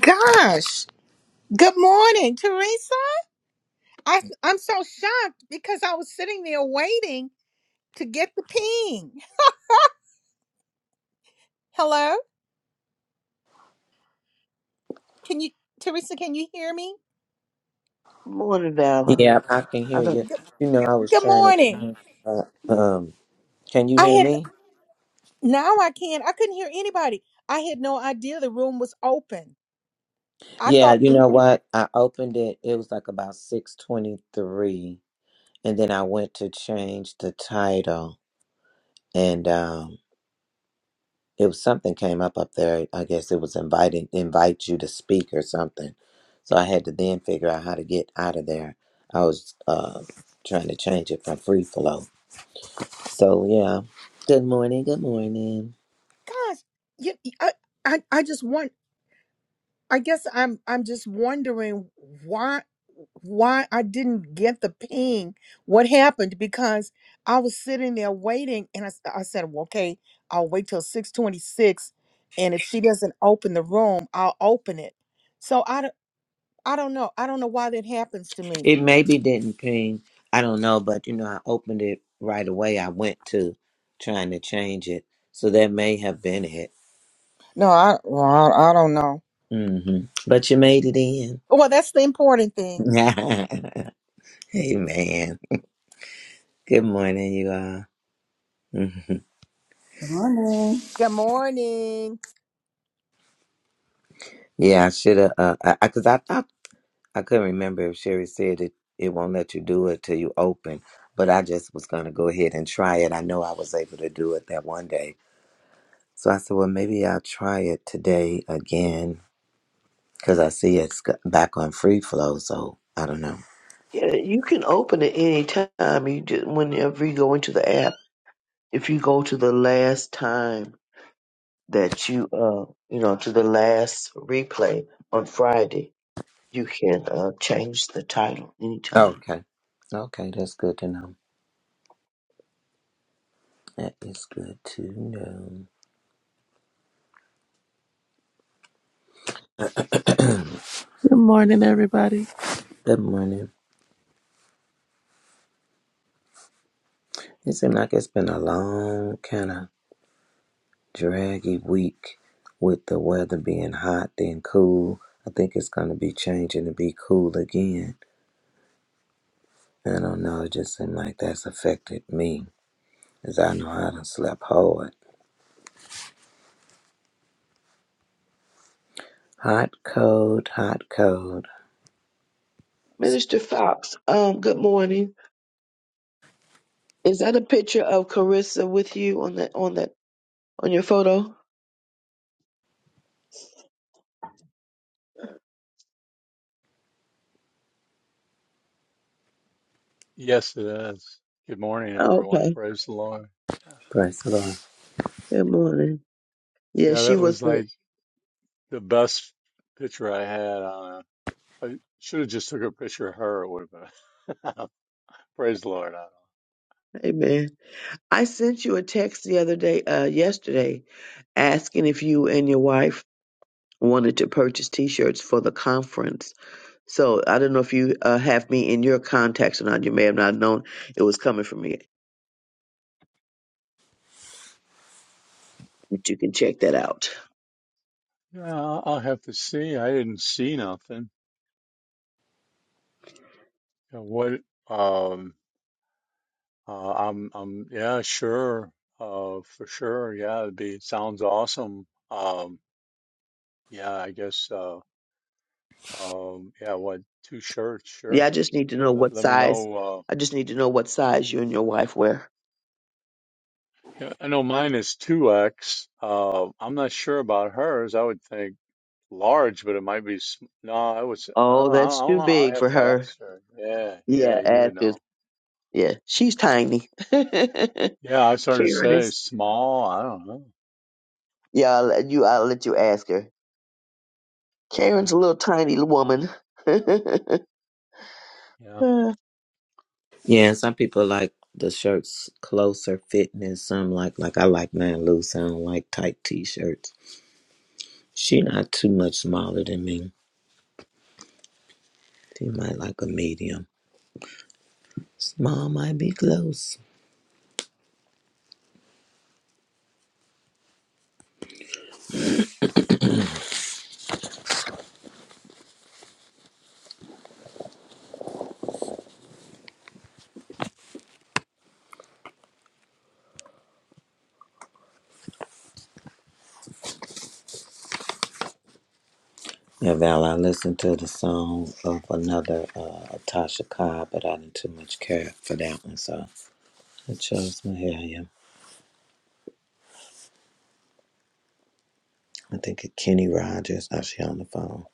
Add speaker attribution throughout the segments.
Speaker 1: Gosh, good morning, Teresa. I, I'm so shocked because I was sitting there waiting to get the ping. Hello, can you, Teresa? Can you hear me?
Speaker 2: Morning, Valor.
Speaker 3: Yeah, I can
Speaker 2: I
Speaker 3: hear
Speaker 2: don't.
Speaker 3: you.
Speaker 1: Good,
Speaker 3: You know, I was
Speaker 1: good
Speaker 3: trying to.
Speaker 1: morning.
Speaker 3: turn, Uh, um, can you
Speaker 1: I
Speaker 3: hear
Speaker 1: had
Speaker 3: me?
Speaker 1: now I can't. I couldn't hear anybody. I had no idea the room was open. I
Speaker 3: Yeah,
Speaker 1: thought,
Speaker 3: you know what? I opened it. It was like about six twenty-three, and then I went to change the title, and um, it was something came up up there. I guess it was inviting invite you to speak or something. So I had to then figure out how to get out of there. I was uh, trying to change it from free flow. So yeah. Good morning. Good morning.
Speaker 1: gosh, you, I, I, I just want. I guess I'm I'm just wondering why why I didn't get the ping. What happened? Because I was sitting there waiting, and I, s- I said, well, "Okay, I'll wait till six twenty-six, and if she doesn't open the room, I'll open it." So I don't I don't know. I don't know why that happens to me.
Speaker 3: It maybe didn't ping. I don't know, but you know, I opened it right away. I went to trying to change it. So that may have been it.
Speaker 1: No, I well, I, I don't know.
Speaker 3: hmm But you made it in.
Speaker 1: Well, that's the important thing.
Speaker 3: hey, man. Good morning, you all. Mhm.
Speaker 4: Morning.
Speaker 1: Good morning.
Speaker 3: Yeah, I should have, uh, I, I, cause I thought, I couldn't remember if Sherry said it, it won't let you do it till you open, but I just was going to go ahead and try it. I know I was able to do it that one day. So I said, well, maybe I'll try it today again because I see it's g- back on free flow. So I don't know.
Speaker 2: Yeah, you can open it any time. You just, whenever you go into the app, if you go to the last time that you uh you know to the last replay on Friday, you can uh change the title anytime.
Speaker 3: Okay. Okay, that's good to know. That is good to know.
Speaker 5: Good morning, everybody.
Speaker 3: good morning. It seems like it's been a long, kind of draggy week with the weather being hot, then cool. I think it's going to be changing to be cool again. I don't know. It just seems like that's affected me as I know I done slept hard. Hot, cold, hot, cold.
Speaker 2: Minister Fox, um, good morning. Is that a picture of Carissa with you on that on that on your photo?
Speaker 6: Yes, it is. Good morning, everyone.
Speaker 2: Okay.
Speaker 6: Praise the Lord. Yeah,
Speaker 3: Praise the Lord.
Speaker 2: Good morning. Yeah,
Speaker 6: yeah,
Speaker 2: she
Speaker 6: that
Speaker 2: was
Speaker 6: was
Speaker 2: the.
Speaker 6: like the best picture I had on. A, I should have just took a picture of her. It would have been. Praise the Lord. I
Speaker 2: Amen. I sent you a text the other day, uh, yesterday, asking if you and your wife wanted to purchase T-shirts for the conference. So I don't know if you uh, have me in your contacts or not. You may have not known it was coming from me, but you can check that out.
Speaker 6: don't know. Yeah, I'll I'll have to see. I didn't see nothing. Yeah, What? Um. Uh, I'm. I'm. Yeah. Sure. Uh. For sure. Yeah. It'd be. Sounds awesome. Um. Yeah. I guess. Uh. Um. Yeah. What? Two shirts.
Speaker 2: Yeah,
Speaker 6: Sure.
Speaker 2: I just need to know
Speaker 6: Let,
Speaker 2: what
Speaker 6: let me
Speaker 2: size.
Speaker 6: know.
Speaker 2: I just need to know what size you and your wife wear.
Speaker 6: Yeah, I know mine is 2x. Uh, I'm not sure about hers. I would think large, but it might be. Sm- no, I was. I
Speaker 2: Oh,
Speaker 6: don't, I
Speaker 2: that's
Speaker 6: don't
Speaker 2: too
Speaker 6: know. I
Speaker 2: big
Speaker 6: have
Speaker 2: for
Speaker 6: to
Speaker 2: her.
Speaker 6: ask her. Yeah, yeah,
Speaker 2: Yeah,
Speaker 6: you would
Speaker 2: Ath is.
Speaker 6: know.
Speaker 2: Yeah, she's tiny. Karen
Speaker 6: Yeah, I started to say
Speaker 2: is.
Speaker 6: small. I don't know.
Speaker 2: Yeah, I'll let you. I'll let you ask her. Karen's
Speaker 6: Okay.
Speaker 2: a little tiny woman.
Speaker 6: Yeah.
Speaker 2: Uh,
Speaker 3: Yeah, and some people like the shirts closer fitting, and some like like I like mine loose. I don't like tight t-shirts. She not too much smaller than me. She might like a medium. Small might be close. Yeah, Val, I listened to the song of another uh, Tasha Cobb, but I didn't too much care for that one, so I chose Mahalia. I think of Kenny Rogers. Oh, she on the phone.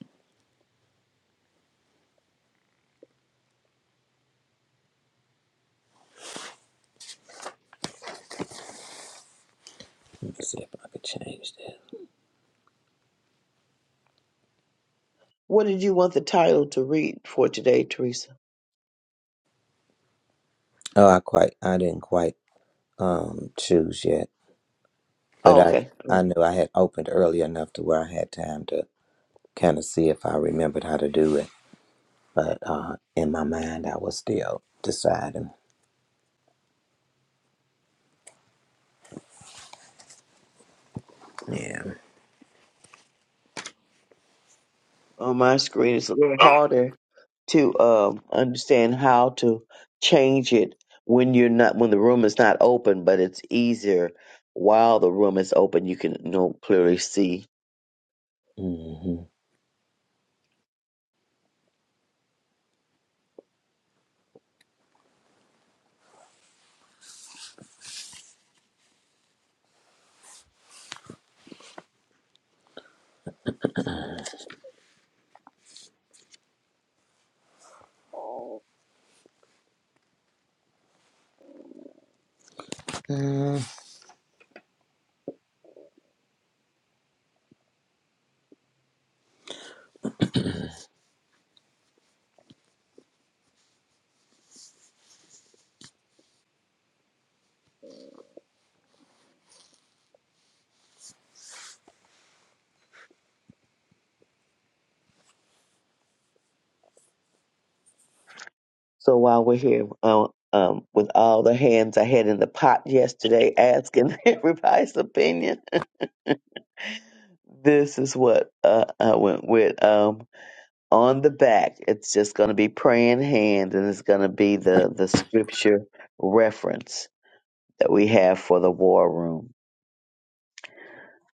Speaker 3: Let me see if I could change that.
Speaker 2: what did you want the title to read for today, Teresa?
Speaker 3: Oh, I quite, I didn't quite um choose yet. but
Speaker 2: Oh,
Speaker 3: I
Speaker 2: okay.
Speaker 3: I knew I had opened early enough to where I had time to kind of see if I remembered how to do it. But uh, in my mind, I was still deciding. Yeah.
Speaker 2: On my screen, it's a little harder. to um, understand how to change it when you're not when the room is not open, but it's easier while the room is open. You can you know clearly see.
Speaker 3: hmm mm
Speaker 2: So while we're here, uh, um, with all the hands I had in the pot yesterday, asking everybody's opinion, this is what uh, I went with. Um, on the back, it's just going to be praying hand, and it's going to be the the scripture reference that we have for the war room.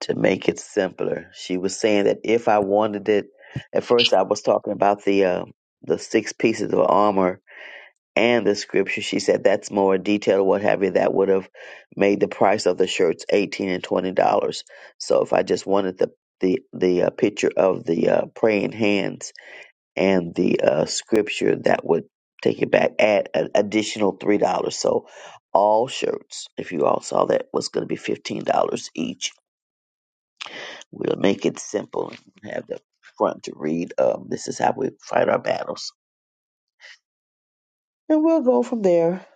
Speaker 2: to make it simpler. She was saying that if I wanted it, at first I was talking about the uh, the six pieces of armor and the scripture. She said that's more detailed, what have you. That would have made the price of the shirts eighteen and twenty dollars. So if I just wanted the the the uh, picture of the uh, praying hands and the uh, scripture, that would take it back at an additional three dollars. So all shirts, if you all saw that, was going to be fifteen dollars each We'll make it simple and have the front to read. Um, this is how we fight our battles. And we'll go from there.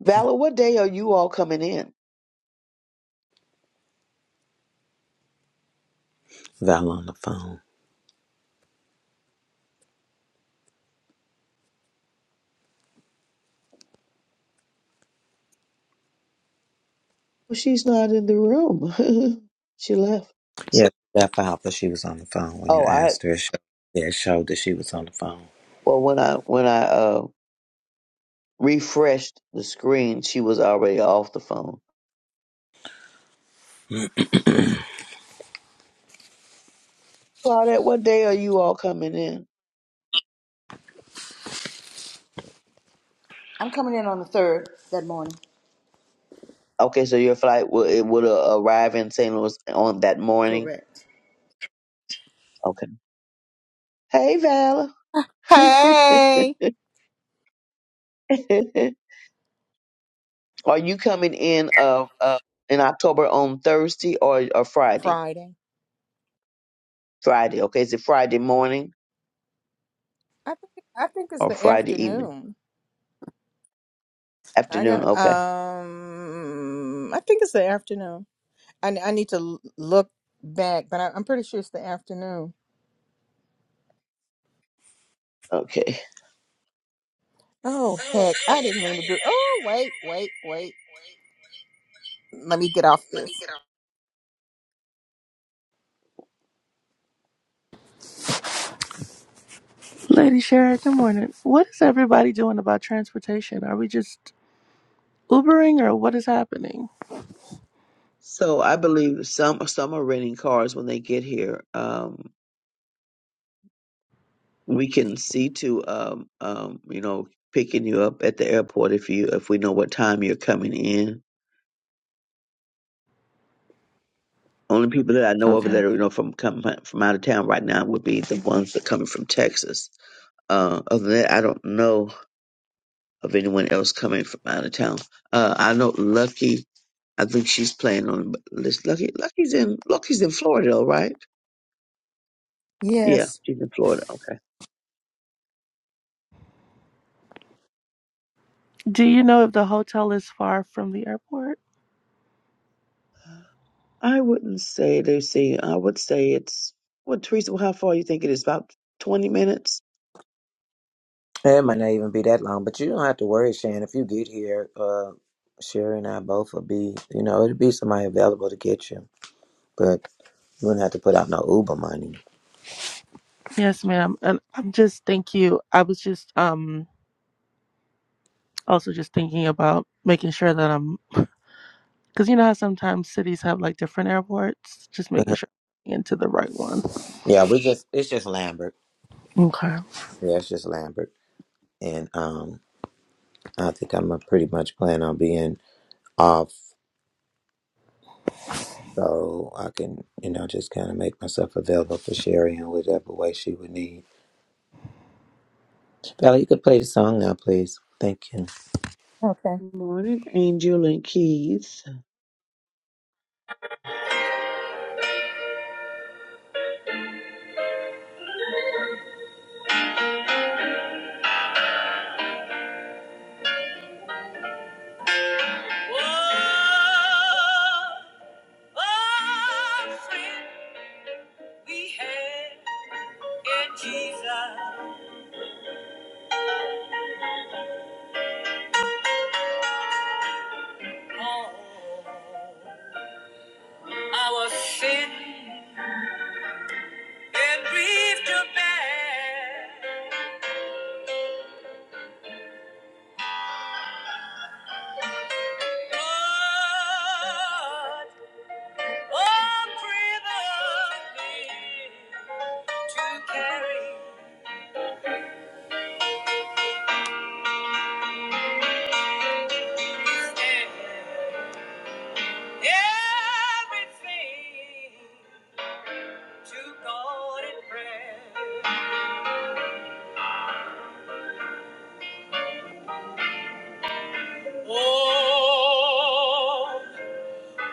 Speaker 2: Valor, what day are you all coming in?
Speaker 3: Val on the phone.
Speaker 2: Well, she's not in the room. she left.
Speaker 3: Yeah, that Alpha, she was on the phone when you
Speaker 2: Oh, I
Speaker 3: asked her. It showed, yeah, it showed that she was on the phone.
Speaker 2: well when I when I uh refreshed the screen, she was already off the phone.
Speaker 3: Mm.
Speaker 2: Claudette, what day are you all coming in?
Speaker 4: I'm coming in on the third that morning.
Speaker 2: Okay, so your flight will it would uh, arrive in St. Louis on that morning.
Speaker 4: Correct.
Speaker 2: Okay. Hey, Val.
Speaker 1: Hey,
Speaker 2: Are you coming in uh, uh in October on Thursday or, or Friday?
Speaker 1: Friday.
Speaker 2: Friday, okay. Is it Friday morning
Speaker 1: I think I think it's
Speaker 2: or
Speaker 1: the
Speaker 2: Friday evening?
Speaker 1: afternoon. I
Speaker 2: Afternoon,
Speaker 1: got
Speaker 2: okay.
Speaker 1: um I think it's the afternoon. I I need to l- look back, but I, I'm pretty sure it's the afternoon.
Speaker 2: Okay.
Speaker 1: Oh heck, I didn't mean to do. Oh wait, wait, wait. Let me get off this. Let me get off.
Speaker 5: Lady Sharon, good morning. What is everybody doing about transportation? Are we just Ubering or what is happening?
Speaker 2: So I believe some some are renting cars when they get here. Um we can see to um um you know picking you up at the airport if you if we know what time you're coming in. Only people that I know of
Speaker 5: Okay.
Speaker 2: that are you know from come from out of town right now would be the ones that coming from Texas. Uh, other than that, I don't know of anyone else coming from out of town. Uh, I know Lucky. I think she's playing on. Is Lucky, Lucky's in. Lucky's in Florida, though, right? Yeah,
Speaker 1: Yes.
Speaker 2: she's in Florida. Okay.
Speaker 5: Do you know if the hotel is far from the airport?
Speaker 2: I wouldn't say they see. I would say it's. What Teresa? How far you think it is? About twenty minutes.
Speaker 3: It might not even be that long, but you don't have to worry, Shan. If you get here, uh, Sherry and I both will be, you know, it'll be somebody available to get you. But you wouldn't have to put out no Uber money.
Speaker 5: Yes, ma'am. And I'm just thank you. I was just um also just thinking about making sure that I'm because you know how sometimes cities have like different airports. Just making sure I'm into the right one.
Speaker 3: Yeah, we just it's just Lambert.
Speaker 5: Okay.
Speaker 3: Yeah, it's just Lambert. And um I think I'm uh, pretty much plan on being off so I can, you know, just kinda make myself available for Sherry in whatever way she would need. Bella, you could play the song now, please. Thank you.
Speaker 1: Okay.
Speaker 2: Morning, Angel and Keith.
Speaker 1: Whoa, whoa, friend we had in Jesus. Oh, our sin and grief to bear. What a privilege to carry everything to God in prayer. Oh,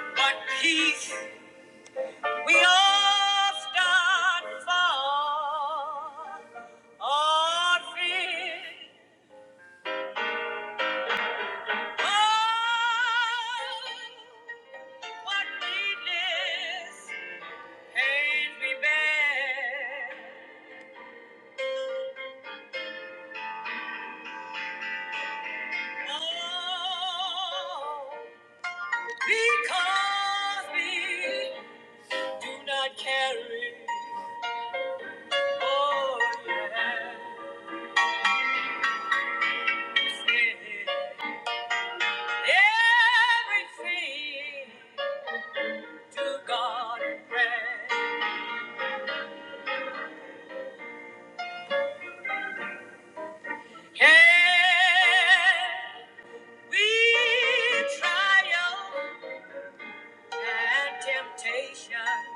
Speaker 1: what peace we often find our feet. What needless pain we bear. Oh, because we do not carry. Oh, yes. Everything to God in prayer. Can we triumph and temptation?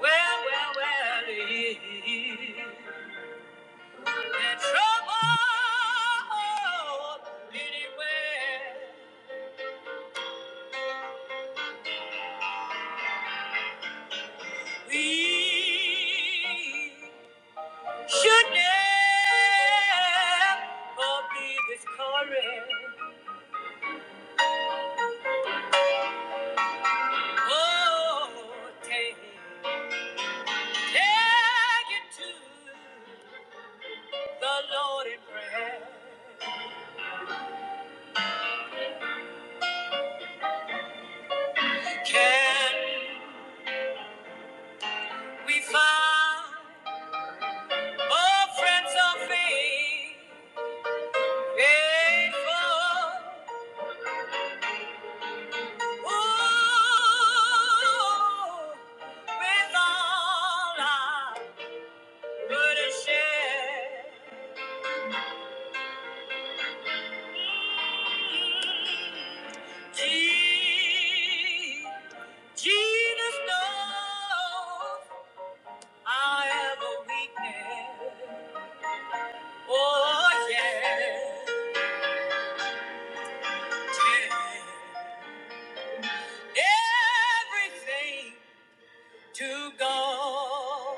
Speaker 1: Well, well, well, it is. That trouble anywhere we should never be discouraged. Oh, take, take it to the Lord in prayer. Can we find more friends of faith? Grateful, oh, with all I would've shared. Je- Jesus knows I have a weakness. Oh yeah, yeah. everything. to go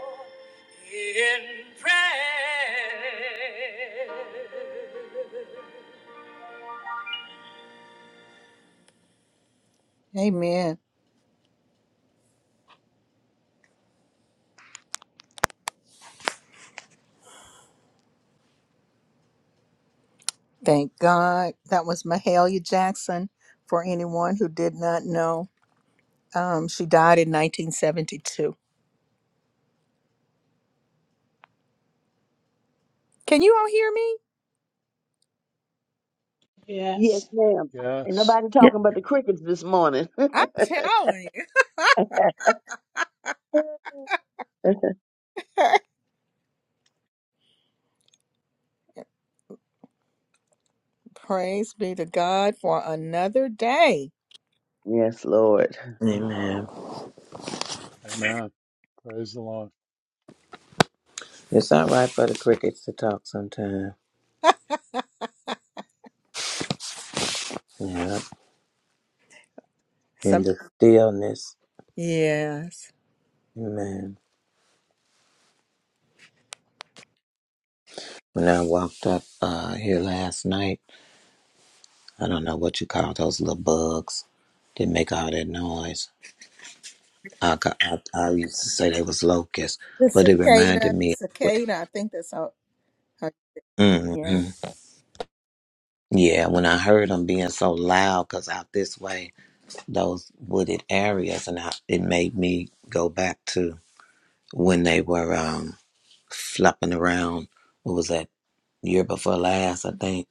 Speaker 1: in prayer. Amen. Thank God. That was Mahalia Jackson. For anyone who did not know, um, she died in 1972. Can you all hear me?
Speaker 2: Yes,
Speaker 7: Yes.
Speaker 2: ma'am. Ain't
Speaker 6: Yes.
Speaker 2: nobody
Speaker 5: Yeah.
Speaker 2: talking but the crickets this morning.
Speaker 1: I'm telling you. Praise be to God for another day.
Speaker 2: yes, Lord.
Speaker 3: Amen.
Speaker 6: Amen. Praise the Lord.
Speaker 3: It's all right for the crickets to talk sometime. Yeah. In
Speaker 1: Some
Speaker 3: the stillness.
Speaker 1: yes.
Speaker 3: Amen. When I walked up uh here last night, I don't know what you call those little bugs. They make all that noise I, got, I, I used to say they was locusts,
Speaker 1: The
Speaker 3: but it reminded
Speaker 1: cicada,
Speaker 3: me.
Speaker 1: cicada. I think that's how. how yeah.
Speaker 3: mm-hmm. Yeah, when I heard them being so loud, cause out this way, those wooded areas, and I, it made me go back to when they were um flopping around. What was that year before last? I think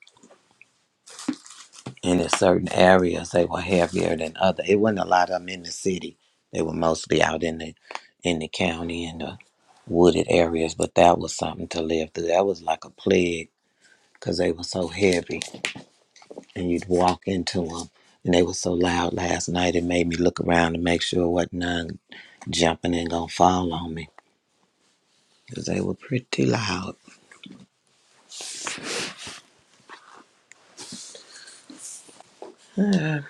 Speaker 3: And in certain areas, they were heavier than other. It wasn't a lot of them in the city. They were mostly out in the in the county and the wooded areas. But that was something to live through. That was like a plague because they were so heavy, and you'd walk into them, and they were so loud. Last night, it made me look around to make sure what none jumping and gonna fall on me because they were pretty loud. so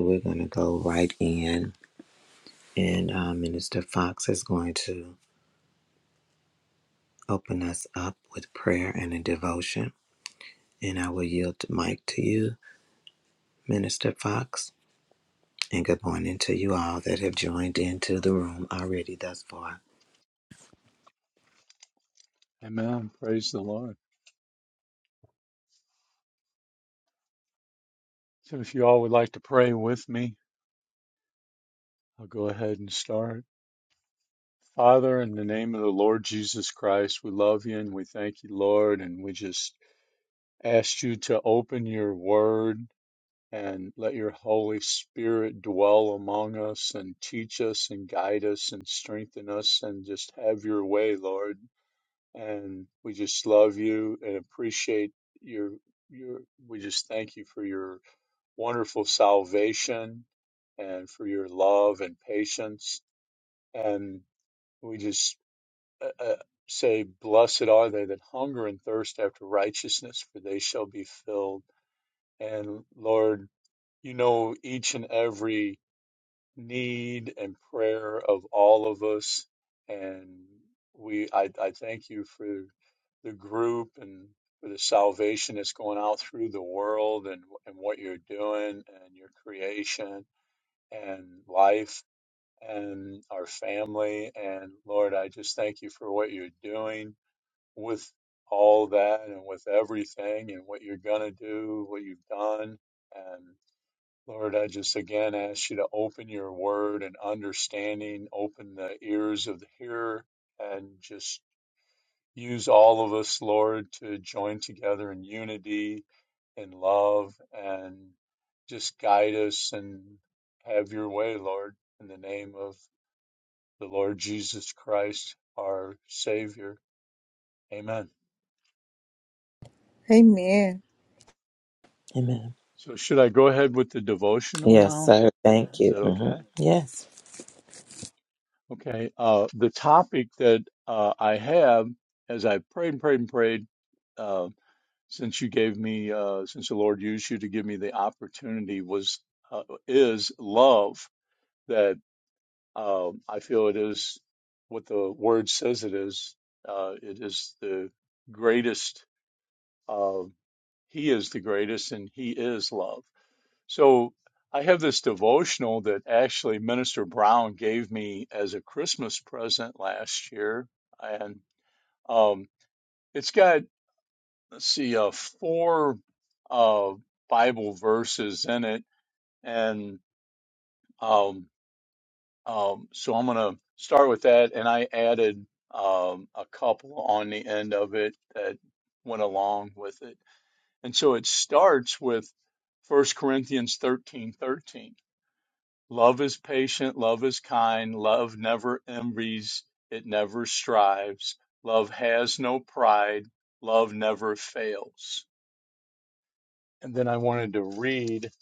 Speaker 3: we're gonna go right in, and um, Minister Fox is going to. open us up with prayer and a devotion. And I will yield the mic to you, Minister Fox. And good morning to you all that have joined into the room already thus far.
Speaker 6: Amen. Praise the Lord. So if you all would like to pray with me, I'll go ahead and start. Father, in the name of the Lord Jesus Christ, we love you and we thank you, Lord, and we just asked you to open your word and let your Holy Spirit dwell among us and teach us and guide us and strengthen us and just have your way, Lord. And we just love you and appreciate your your we just thank you for your wonderful salvation and for your love and patience and we just uh, uh, say blessed are they that hunger and thirst after righteousness for they shall be filled and Lord, you know each and every need and prayer of all of us. And we, I, I thank you for the group and for the salvation that's going out through the world and, and what you're doing and your creation and life and our family. And Lord, I just thank you for what you're doing with all that and with everything and what you're going to do, what you've done. Lord, I just again ask you to open your word and understanding, open the ears of the hearer, and just use all of us, Lord, to join together in unity and love and just guide us and have your way, Lord, in the name of the Lord Jesus Christ, our Savior. Amen.
Speaker 1: Amen.
Speaker 3: Amen.
Speaker 6: So, should I go ahead with the devotional
Speaker 3: Yes,
Speaker 6: now?
Speaker 3: sir. Thank
Speaker 6: Is
Speaker 3: you.
Speaker 6: that
Speaker 3: hmm
Speaker 6: okay?
Speaker 3: Yes.
Speaker 6: Okay, uh, the topic that uh, I have, as I prayed and prayed and prayed, uh, since you gave me, uh, since the Lord used you to give me the opportunity, was uh, is love. That uh, I feel it is what the word says it is. Uh, it is the greatest. Uh, he is the greatest, and He is love. So I have this devotional that actually Minister Brown gave me as a Christmas present last year, and um, it's got let's see, uh, four uh, Bible verses in it, and um, um, so I'm going to start with that, and I added um, a couple on the end of it that went along with it, and so it starts with First Corinthians thirteen thirteen. Love is patient, love is kind, love never envies, it never strives, love has no pride, love never fails. And then I wanted to read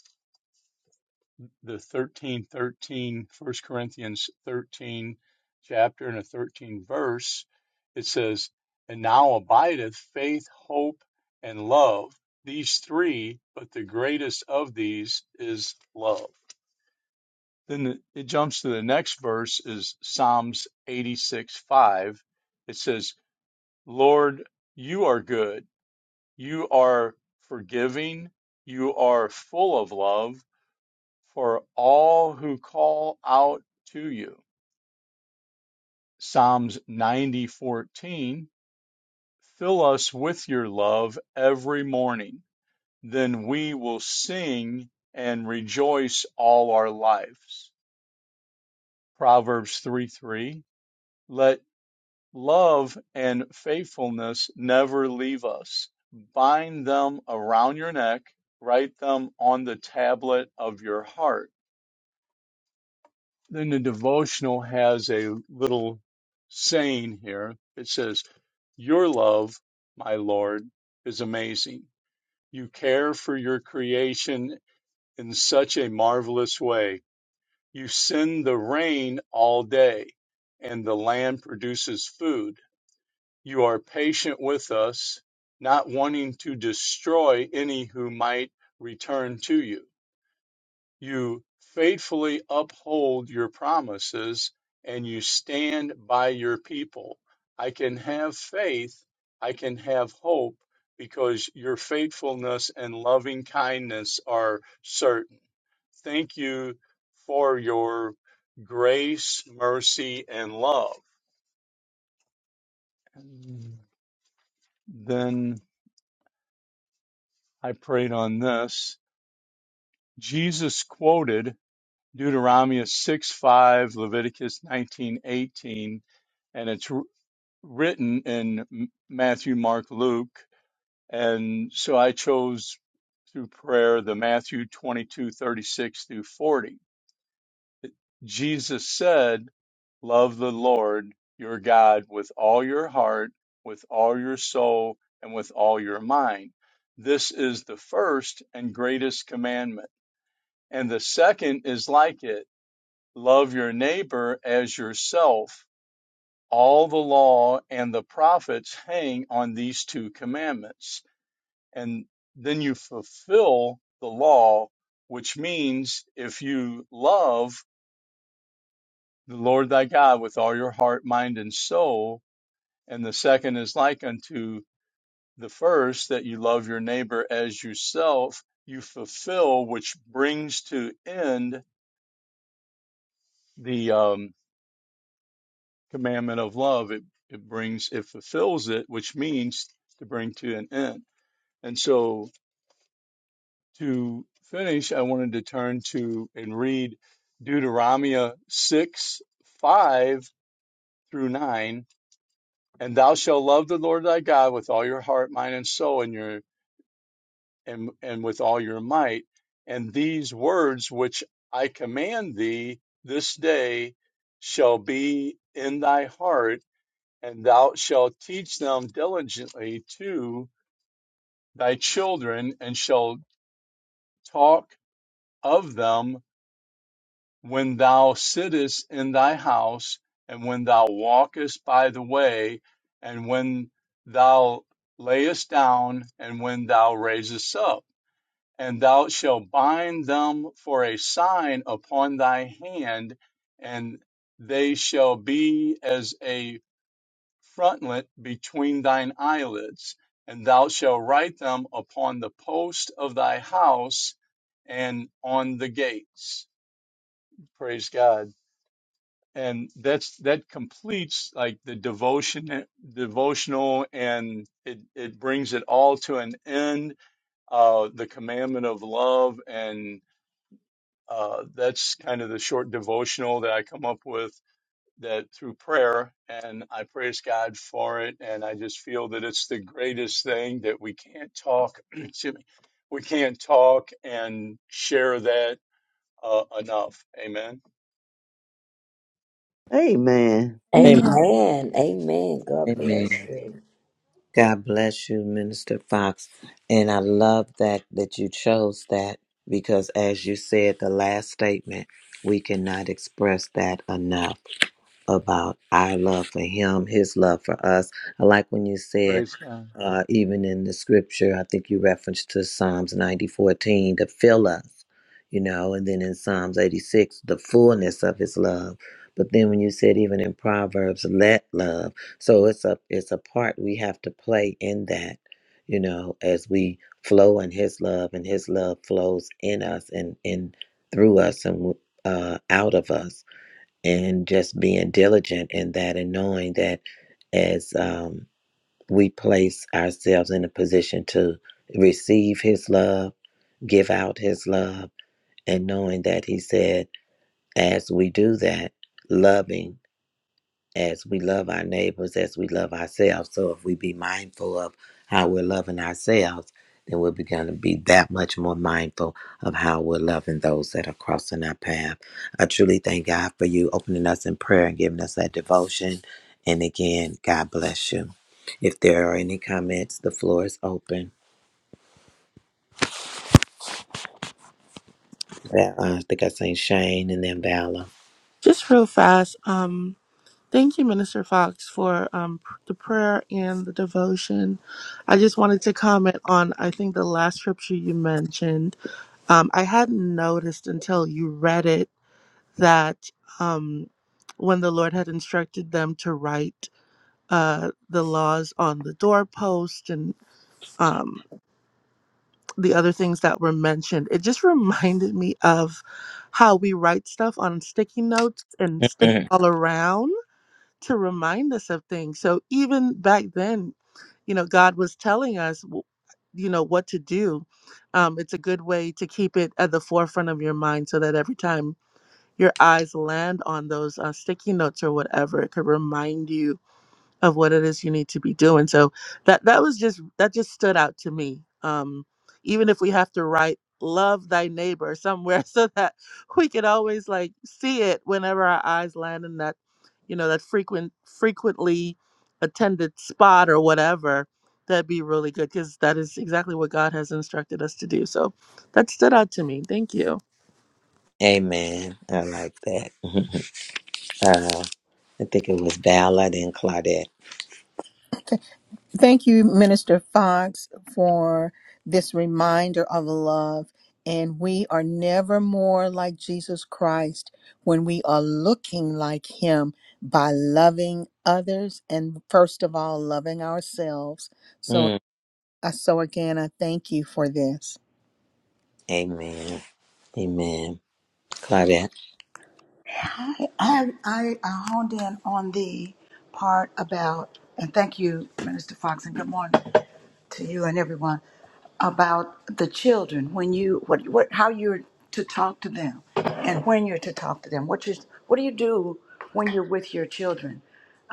Speaker 6: the 13, 13, First Corinthians 13 chapter and a 13 verse. It says, And now abideth faith, hope, and love, these three, but the greatest of these is love. Then it jumps to the next verse is Psalms 86 5. It says, Lord, you are good. You are forgiving. You are full of love for all who call out to you. Psalms 90 14. Fill us with your love every morning. Then we will sing and rejoice all our lives. Proverbs 3 3. Let Love and faithfulness never leave us. Bind them around your neck, write them on the tablet of your heart. Then the devotional has a little saying here. It says, Your love, my Lord, is amazing. You care for your creation in such a marvelous way. You send the rain all day, and the land produces food You are patient with us, not wanting to destroy any who might return to you. You faithfully uphold your promises and you stand by your people. I can have faith, I can have hope because your faithfulness and loving kindness are certain. Thank you for your grace, mercy, and love. Then I prayed on this Jesus quoted Deuteronomy 6 5, Leviticus nineteen eighteen, and it's wr- written in Matthew, Mark, Luke. And so I chose through prayer the Matthew twenty two thirty six through 40. Jesus said, Love the Lord your God with all your heart, with all your soul, and with all your mind. This is the first and greatest commandment. And the second is like it. Love your neighbor as yourself. All the law and the prophets hang on these two commandments. And then you fulfill the law, which means if you love the Lord thy God with all your heart, mind, and soul, and the second is like unto the first, that you love your neighbor as yourself, you fulfill, which brings to end the. um, commandment of love, it, it brings, it fulfills it, which means to bring to an end. And so to finish, I wanted to turn to and read Deuteronomy 6, 5 through 9. And thou shalt love the Lord thy God with all your heart, mind, and soul, and your and, and with all your might. And these words which I command thee this day shall be in thy heart and thou shalt teach them diligently to thy children, and shalt talk of them when thou sittest in thy house, and when thou walkest by the way, and when thou layest down, and when thou raisest up. And thou shalt bind them for a sign upon thy hand, and they shall be as a frontlet between thine eyelids, and thou shalt write them upon the post of thy house and on the gates. Praise God. And that's that completes like the devotion devotional and it, it brings it all to an end. Uh the commandment of love and uh that's kind of the short devotional that I come up with that through prayer and I praise God for it and I just feel that it's the greatest thing that we can't talk excuse me, we can't talk and share that uh, enough amen
Speaker 2: Amen.
Speaker 3: Amen.
Speaker 1: Amen.
Speaker 8: Amen. Amen. God bless
Speaker 3: Amen.
Speaker 8: you.
Speaker 3: God bless you, Minister Fox. And I love that that you chose that because as you said the last statement, we cannot express that enough. about our love for him, his love for us. I like when you said,
Speaker 6: praise God
Speaker 3: uh, even in the scripture, I think you referenced to Psalms 90 14 to fill us, you know, and then in Psalms 86, the fullness of his love. But then when you said even in Proverbs, let love. So it's a it's a part we have to play in that, you know, as we flow in his love and his love flows in us and in through us and uh, out of us and just being diligent in that and knowing that as um, we place ourselves in a position to receive his love, give out his love, and knowing that he said, as we do that, loving as we love our neighbors as we love ourselves. So if we be mindful of how we're loving ourselves, then we're going to be that much more mindful of how we're loving those that are crossing our path. I truly thank God for you opening us in prayer and giving us that devotion. And again, God bless you. If there are any comments, the floor is open. Val- uh, I think I seen Shane and then Valor.
Speaker 5: Just real fast. Um Thank you, Minister Fox, for um, pr- the prayer and the devotion. I just wanted to comment on, I think, the last scripture you mentioned. Um, I hadn't noticed until you read it that um, when the Lord had instructed them to write uh, the laws on the doorpost and um, the other things that were mentioned, it just reminded me of how we write stuff on sticky notes and stick it
Speaker 3: Mhm.
Speaker 5: all around to remind us of things. So even back then, you know, God was telling us, w- you know, what to do. Um, it's a good way to keep it at the forefront of your mind so that every time your eyes land on those uh, sticky notes or whatever, it could remind you of what it is you need to be doing. So that that was just that just stood out to me. Um, even if we have to write "love thy neighbor" somewhere, so that we can always like see it whenever our eyes land in that, you know, that frequent frequently attended spot or whatever. That'd be really good because that is exactly what God has instructed us to do. So that stood out to me. Thank you.
Speaker 3: Amen. I like that. Mhm. Uh, I think it was Valor and Claudette.
Speaker 1: Thank you, Minister Fox, for this reminder of love. And we are never more like Jesus Christ when we are looking like Him by loving others and, first of all, loving ourselves. So, uh, so again, I thank you for this.
Speaker 3: Amen. Amen. Claudette.
Speaker 4: I, I, I I honed in on the part about, and thank you, Minister Fox, and good morning. to you and everyone about the children when you what what how you're to talk to them and when you're to talk to them. What you what do you do when you're with your children,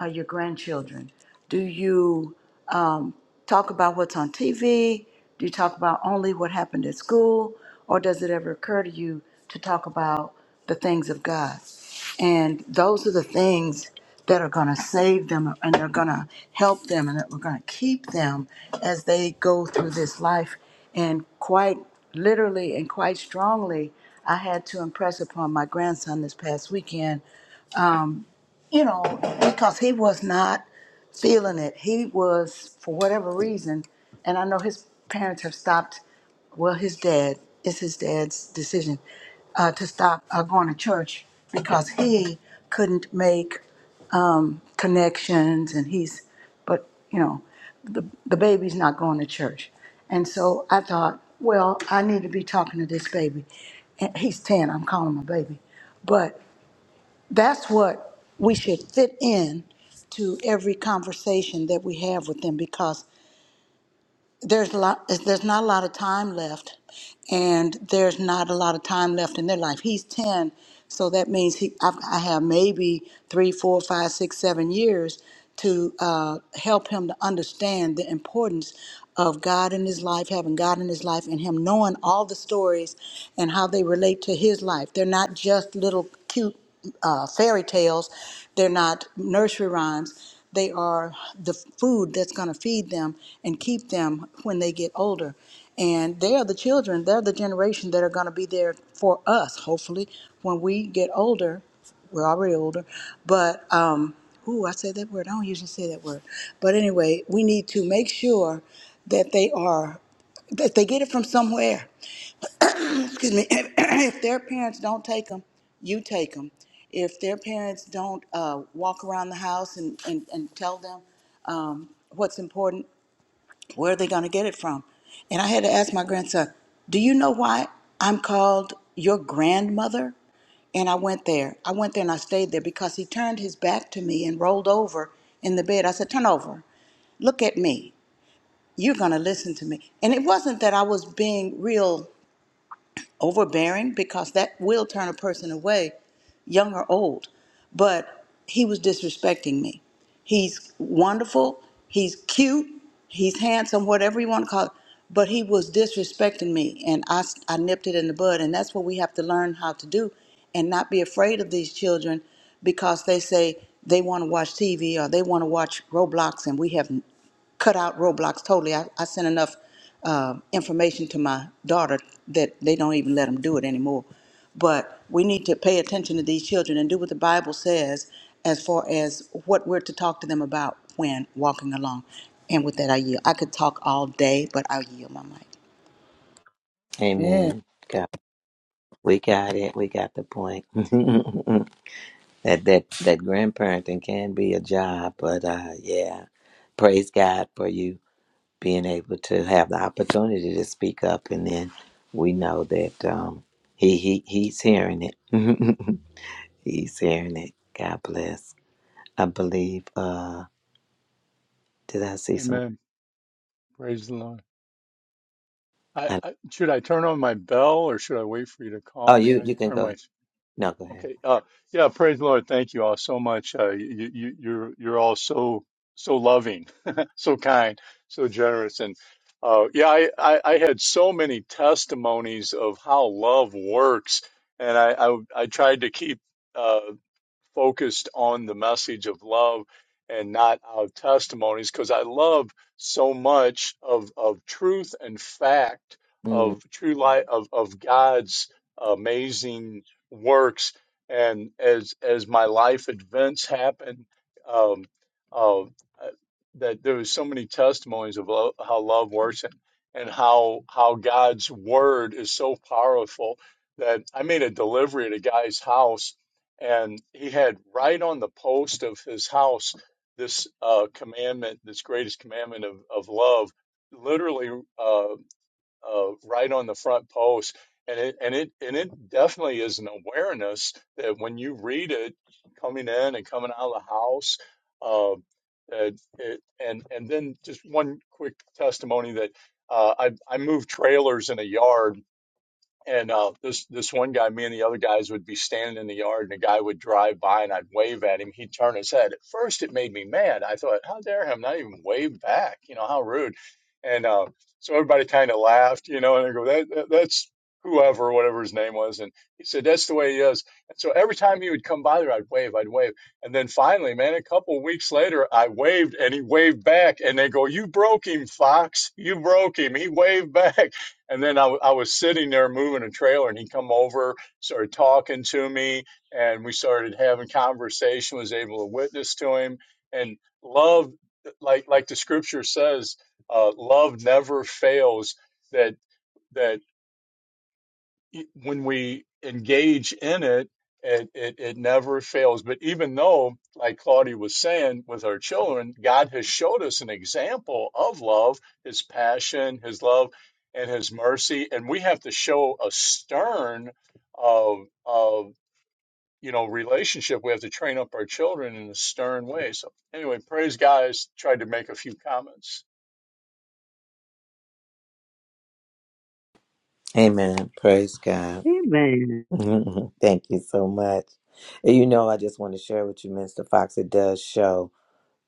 Speaker 4: uh, your grandchildren? Do you um, talk about what's on TV? Do you talk about only what happened at school, or does it ever occur to you to talk about the things of God? And those are the things that are going to save them and they're going to help them and that we're going to keep them as they go through this life. And quite literally and quite strongly, I had to impress upon my grandson this past weekend, you know, because he was not feeling it. He was, for whatever reason, and I know his parents have stopped, well, his dad, it's his dad's decision uh, to stop uh, going to church because he couldn't make connections and he's but you know the the baby's not going to church and so i thought well i need to be talking to this baby and he's 10 i'm calling him a baby but that's what we should fit in to every conversation that we have with them because there's a lot there's not a lot of time left and there's not a lot of time left in their life he's 10 so that means he I've, i have maybe three four five six seven years to uh, help him to understand the importance of god in his life having god in his life and him knowing all the stories and how they relate to his life they're not just little cute uh, fairy tales. They're not nursery rhymes they are the food that's going to feed them and keep them when they get older. And they are the children, they're the generation that are going to be there for us, hopefully, when we get older. We're already older, but, um, ooh, I said that word. I don't usually say that word. But anyway, we need to make sure that they are, that they get it from somewhere. Excuse me. if their parents don't take them, you take them. If their parents don't uh, walk around the house and, and, and tell them, what's important, where are they going to get it from? And I had to ask my grandson, Do you know why I'm called your grandmother? And I went there. I went there and I stayed there because he turned his back to me and rolled over in the bed. I said, Turn over. Look at me. You're going to listen to me. And it wasn't that I was being real overbearing because that will turn a person away, young or old. But he was disrespecting me. He's wonderful, he's cute, he's handsome, whatever you want to call it. But he was disrespecting me, and I, s- I nipped it in the bud. And that's what we have to learn how to do and not be afraid of these children because they say they want to watch TV or they want to watch Roblox, and we have cut out Roblox totally. I, I sent enough uh, information to my daughter that they don't even let them do it anymore. But we need to pay attention to these children and do what the Bible says as far as what we're to talk to them about when walking along. And with that, I yield. I could talk all day, but I'll yield my mic.
Speaker 1: Yeah.
Speaker 3: Amen. God, we got it. We got the point. that that that grandparenting can be a job, but uh yeah. Praise God for you being able to have the opportunity to speak up and then we know that um he he he's hearing it. he's hearing it. God bless. I believe uh did I see someone?
Speaker 6: amen praise the Lord I,
Speaker 3: I,
Speaker 6: I should I turn on my bell or should I wait for you to
Speaker 3: oh
Speaker 6: call me
Speaker 3: you
Speaker 6: I
Speaker 3: you can
Speaker 6: turn
Speaker 3: go ahead.
Speaker 6: my
Speaker 3: No, go ahead.
Speaker 6: Okay. Uh, yeah. Praise the Lord. Thank you all so much. Uh, you, you, you're you're all so so loving, so kind, so generous, and uh, yeah, I, I I had so many testimonies of how love works, and I I, I tried to keep. Uh, focused on the message of love and not our testimonies because I love so much of, of truth and fact
Speaker 3: Mm.
Speaker 6: of true light of, of God's amazing works. And as, as my life events happen, um, uh, that there was so many testimonies of lo- how love works and, and how, how God's word is so powerful that I made a delivery at a guy's house and he had right on the post of his house this uh, commandment, this greatest commandment of, of love, literally uh, uh, right on the front post. And it and it and it definitely is an awareness that when you read it, coming in and coming out of the house, uh, that it, and and then just one quick testimony that uh, I I moved trailers in a yard and uh, this this one guy, me and the other guys would be standing in the yard, and a guy would drive by, and I'd wave at him. He'd turn his head. At first, it made me mad. I thought, how dare him not even wave back? You know, how rude. And uh, so everybody kind of laughed, you know, and I go, that, that, that's whoever, whatever his name was. And he said, that's the way he is. And so every time he would come by there, I'd wave, I'd wave. And then finally, man, a couple of weeks later, I waved, and he waved back. And they go, you broke him, Fox. You broke him. He waved back. And then I, w- I was sitting there moving a trailer, and he come over, started talking to me, and we started having conversation. Was able to witness to him, and love, like like the scripture says, uh, love never fails. That that e, when we engage in it, it, it, it never fails. But even though, like Claudia was saying, with our children, God has showed us an example of love, his passion, his love, and his mercy. And we have to show a stern of, of you know, relationship. We have to train up our children in a stern way. So anyway, praise guys. Tried to make a few comments.
Speaker 3: Amen. Praise God.
Speaker 2: Amen.
Speaker 3: Mhm. Thank you so much. And you know, I just want to share with you, Mr. Fox, it does show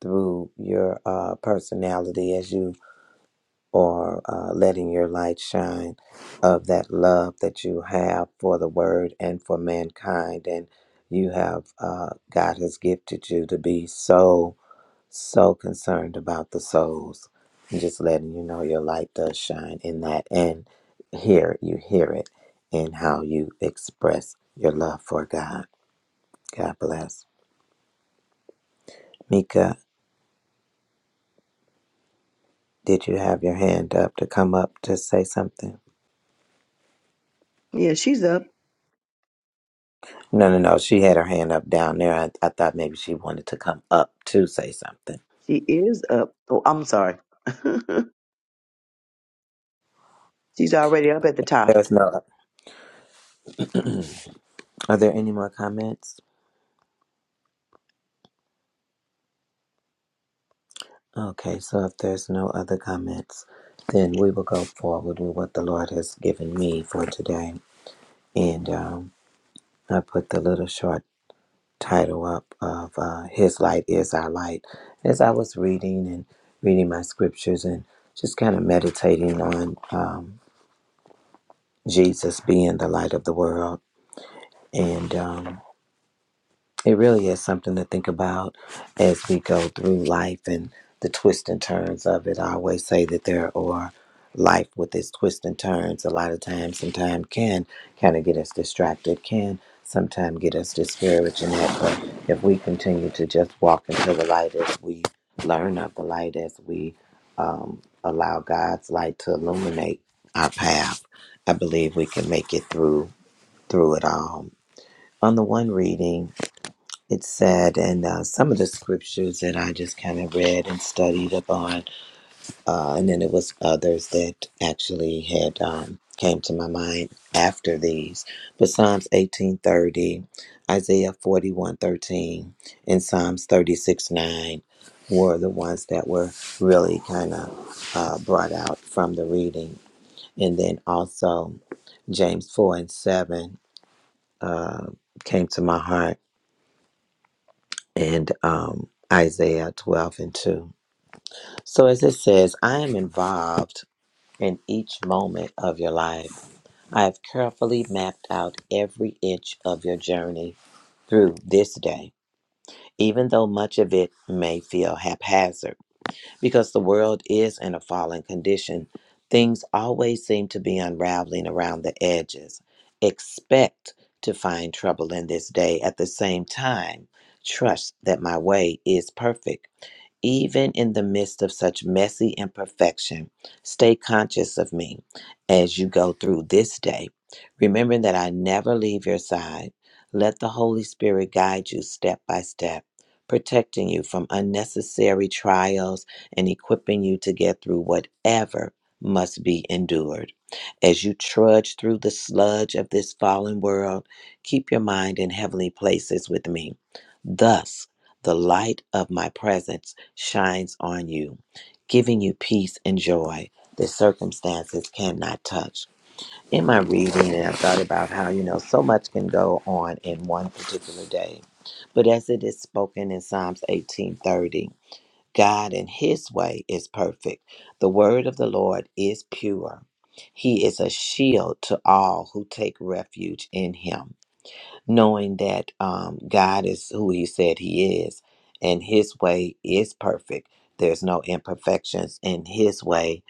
Speaker 3: through your uh, personality as you are uh, letting your light shine of that love that you have for the word and for mankind. And you have, uh, God has gifted you to be so. So concerned about the souls. I'm just letting you know your light does shine in that. And here you hear it in how you express your love for God. God bless. Mika, did you have your hand up to come up to say something?
Speaker 2: Yeah, she's up.
Speaker 3: No, no, no. She had her hand up down there. I, I thought maybe she wanted to come up to say something.
Speaker 2: She is up. Oh, I'm sorry. She's already up at the top.
Speaker 3: There's no. Are there any more comments? Okay, so if there's no other comments, then we will go forward with what the Lord has given me for today. And um, I put the little short title up of uh, His Light is Our Light. As I was reading and reading my scriptures and just kind of meditating on um, Jesus being the light of the world. And um, It really is something to think about as we go through life and the twists and turns of it. I always say that there are life with its twists and turns. A lot of times, sometimes can kind of get us distracted, can sometimes get us discouraged in that. But if we continue to just walk into the light as we learn of the light, as we um, allow God's light to illuminate our path, I believe we can make it through through it all. On the one reading, it's sad, and uh, some of the scriptures that I just kind of read and studied upon, uh, and then it was others that actually had um, came to my mind after these. But Psalms eighteen thirty, Isaiah forty one thirteen, and Psalms thirty six nine were the ones that were really kind of uh, brought out from the reading, and then also James four and seven uh, came to my heart and um, Isaiah 12 and 2. So, as it says, I am involved in each moment of your life. I have carefully mapped out every inch of your journey through this day, even though much of it may feel haphazard. Because the world is in a fallen condition, things always seem to be unraveling around the edges. Expect to find trouble in this day at the same time. Trust that my way is perfect even in the midst of such messy imperfection, stay conscious of me as you go through this day, remembering that I never leave your side. Let the Holy Spirit guide you step by step, protecting you from unnecessary trials and equipping you to get through whatever must be endured. As you trudge through the sludge of this fallen world, keep your mind in heavenly places with me. Thus, the light of my presence shines on you, giving you peace and joy that circumstances cannot touch. In my reading, and I thought about how, you know, so much can go on in one particular day. But as it is spoken in Psalms 18:30, God in his way is perfect. The word of the Lord is pure. He is a shield to all who take refuge in him knowing that um, God is who He said He is, and His way is perfect. There's no imperfections in His way.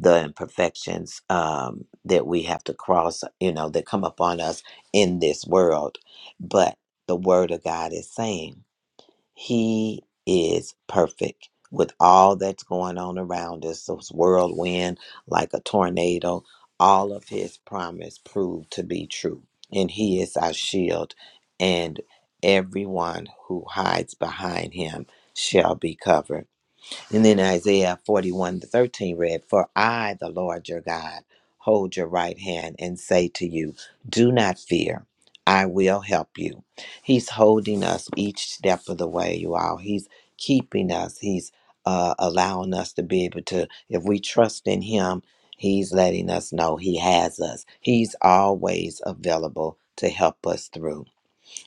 Speaker 3: The imperfections um, that we have to cross, you know, that come upon us in this world, but the Word of God is saying. He is perfect with all that's going on around us. Those whirlwind, like a tornado, all of his promise proved to be true. And he is our shield, and everyone who hides behind him shall be covered. And then Isaiah 41 to 13 read, For I, the Lord your God, hold your right hand and say to you, Do not fear, I will help you. He's holding us each step of the way, you all. He's keeping us. He's uh, allowing us to be able to, if we trust in Him, He's letting us know He has us. He's always available to help us through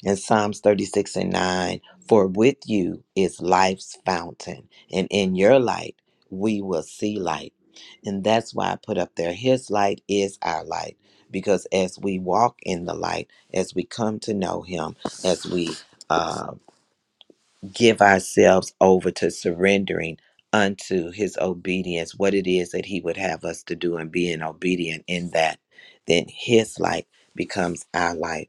Speaker 3: and Psalms 36 and 9 For with you is life's fountain, and in your light we will see light. And that's why I put up there His light is our light, because as we walk in the light, as we come to know Him, as we uh, give ourselves over to surrendering unto His obedience, what it is that He would have us to do, and being obedient in that, then His light becomes our light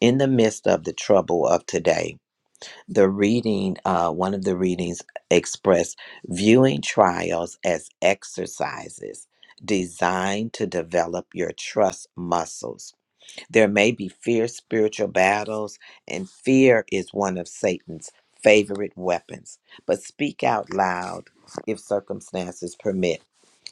Speaker 3: in the midst of the trouble of today, the reading, uh, one of the readings expressed viewing trials as exercises designed to develop your trust muscles. There may be fierce spiritual battles, and fear is one of Satan's favorite weapons. But speak out loud if circumstances permit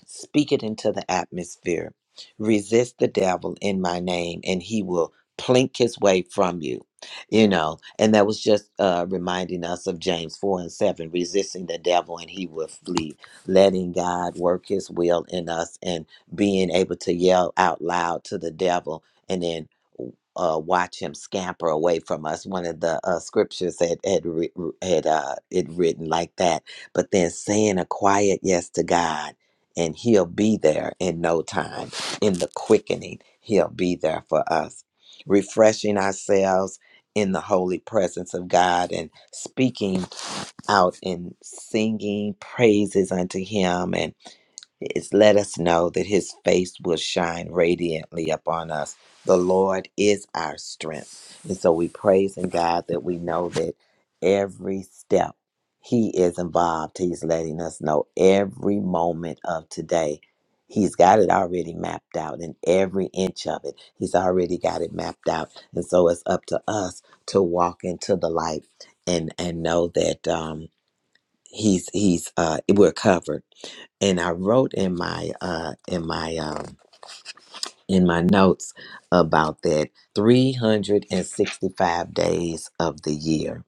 Speaker 3: Speak it into the atmosphere. Resist the devil in my name, and he will plink his way from you. You know, and that was just uh, reminding us of James 4 and 7 resisting the devil, and he will flee, letting God work his will in us and being able to yell out loud to the devil and then uh, watch him scamper away from us. One of the uh, scriptures had had writ- had uh, it written like that. But then saying a quiet yes to God and he'll be there in no time in the quickening he'll be there for us refreshing ourselves in the holy presence of god and speaking out and singing praises unto him and is let us know that his face will shine radiantly upon us. The Lord is our strength. And so we praise in God that we know that every step he is involved, he's letting us know every moment of today. He's got it already mapped out and every inch of it. He's already got it mapped out. And so it's up to us to walk into the light and and know that um he's he's uh we're covered and I wrote in my uh in my um in my notes about that 365 days of the year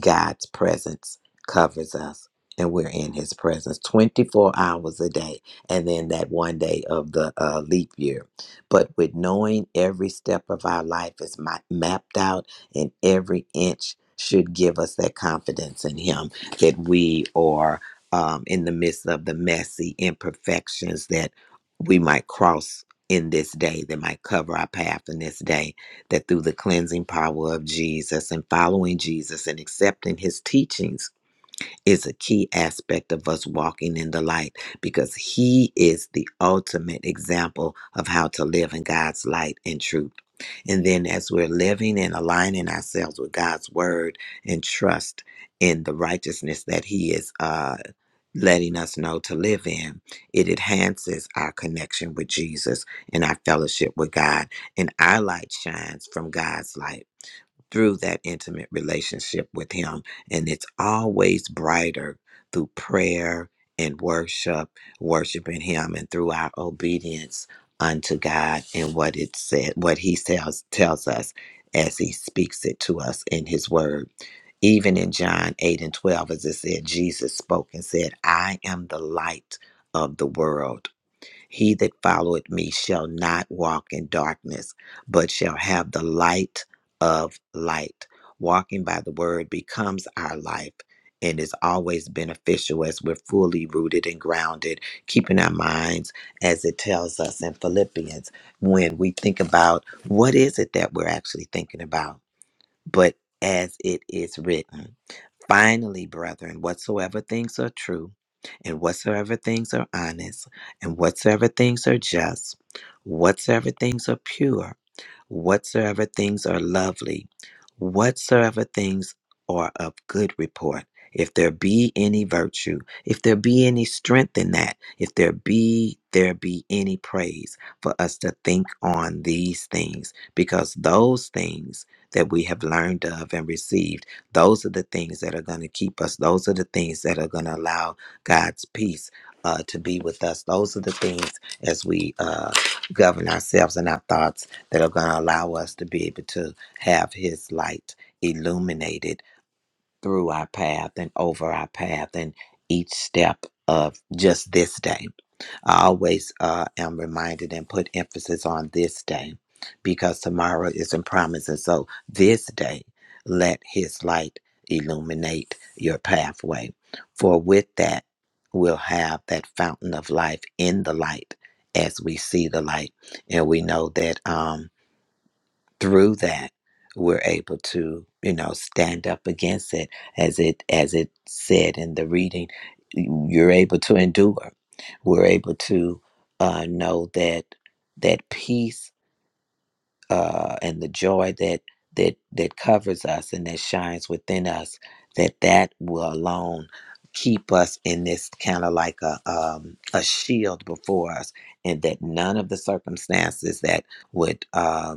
Speaker 3: God's presence covers us and we're in his presence 24 hours a day and then that one day of the uh, leap year but with knowing every step of our life is ma- mapped out and every inch should give us that confidence in him that we are um, in the midst of the messy imperfections that we might cross in this day that might cover our path in this day that through the cleansing power of Jesus and following Jesus and accepting his teachings, is a key aspect of us walking in the light because He is the ultimate example of how to live in God's light and truth. And then, as we're living and aligning ourselves with God's word and trust in the righteousness that He is uh, letting us know to live in, it enhances our connection with Jesus and our fellowship with God. And our light shines from God's light through that intimate relationship with Him. And it's always brighter through prayer and worship, worshiping Him, and through our obedience unto God and what it said, what He tells tells us as He speaks it to us in His Word. Even in John eight and twelve, as it said, Jesus spoke and said, "I am the light of the world." He that followeth me shall not walk in darkness, but shall have the light of light. Walking by the word becomes our life and is always beneficial as we're fully rooted and grounded, keeping our minds as it tells us in Philippians when we think about what is it that we're actually thinking about, but as it is written. Finally, brethren, whatsoever things are true, and whatsoever things are honest, and whatsoever things are just, whatsoever things are pure, whatsoever things are lovely, whatsoever things are of good report, if there be any virtue, if there be any strength in that, if there be there be any praise for us to think on these things, because those things that we have learned of and received, those are the things that are going to keep us. Those are the things that are going to allow God's peace uh, to be with us. Those are the things as we uh, govern ourselves and our thoughts that are going to allow us to be able to have His light illuminated through our path and over our path and each step of just this day. I always uh, am reminded and put emphasis on this day because tomorrow isn't promised. And so this day, let his light illuminate your pathway. For with that, we'll have that fountain of life in the light as we see the light. And we know that. Um, through that we're able to you know stand up against it as it as it said in the reading you're able to endure we're able to uh, know that that peace uh, and the joy that that that covers us and that shines within us that that will alone keep us in this kind of like a um, a shield before us and that none of the circumstances that would uh,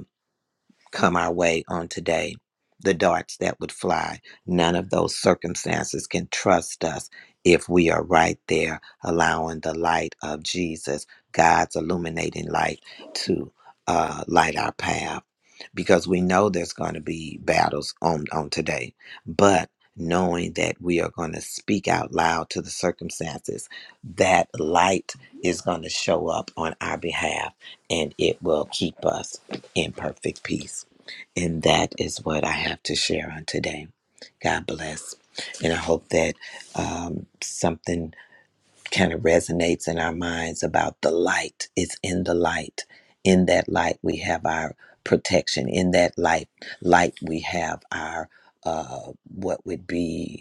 Speaker 3: come our way on today. The darts that would fly, none of those circumstances can trust us if we are right there, allowing the light of Jesus, God's illuminating light, to uh, light our path. Because we know there's going to be battles on, on today, but knowing that we are going to speak out loud to the circumstances, that light is going to show up on our behalf and it will keep us in perfect peace. And that is what I have to share on today. God bless. And I hope that um, something kind of resonates in our minds about the light. It's in the light. In that light, we have our protection. In that light, light we have our uh, what would be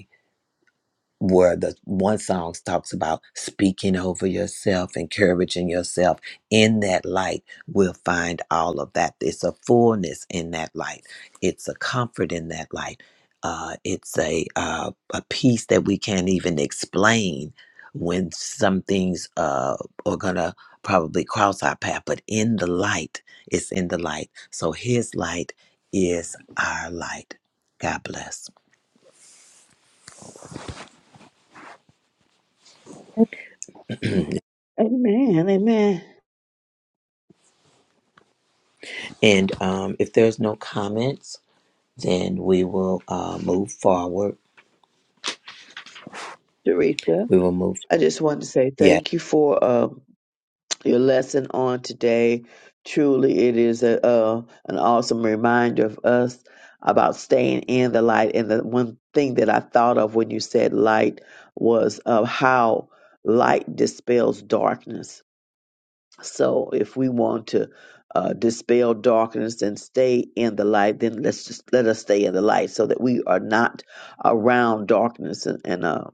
Speaker 3: where the one song talks about speaking over yourself, encouraging yourself in that light, we'll find all of that. It's a fullness in that light. It's a comfort in that light. Uh, it's a uh, a peace that we can't even explain when some things uh, are gonna probably cross our path. But in the light, it's in the light. So His light is our light. God bless.
Speaker 2: Amen. Amen.
Speaker 3: And um, if there's no comments. then we will uh, move forward.
Speaker 2: Teresa,
Speaker 3: We will move.
Speaker 2: I just wanted to say
Speaker 3: Yeah.
Speaker 2: thank you for uh, your lesson on today. Truly, it is a, uh, an awesome reminder of us about staying in the light. And the one thing that I thought of when you said light was of how light dispels darkness So if we want to uh, dispel darkness and stay in the light, then let's just let us stay in the light so that we are not around darkness and, and uh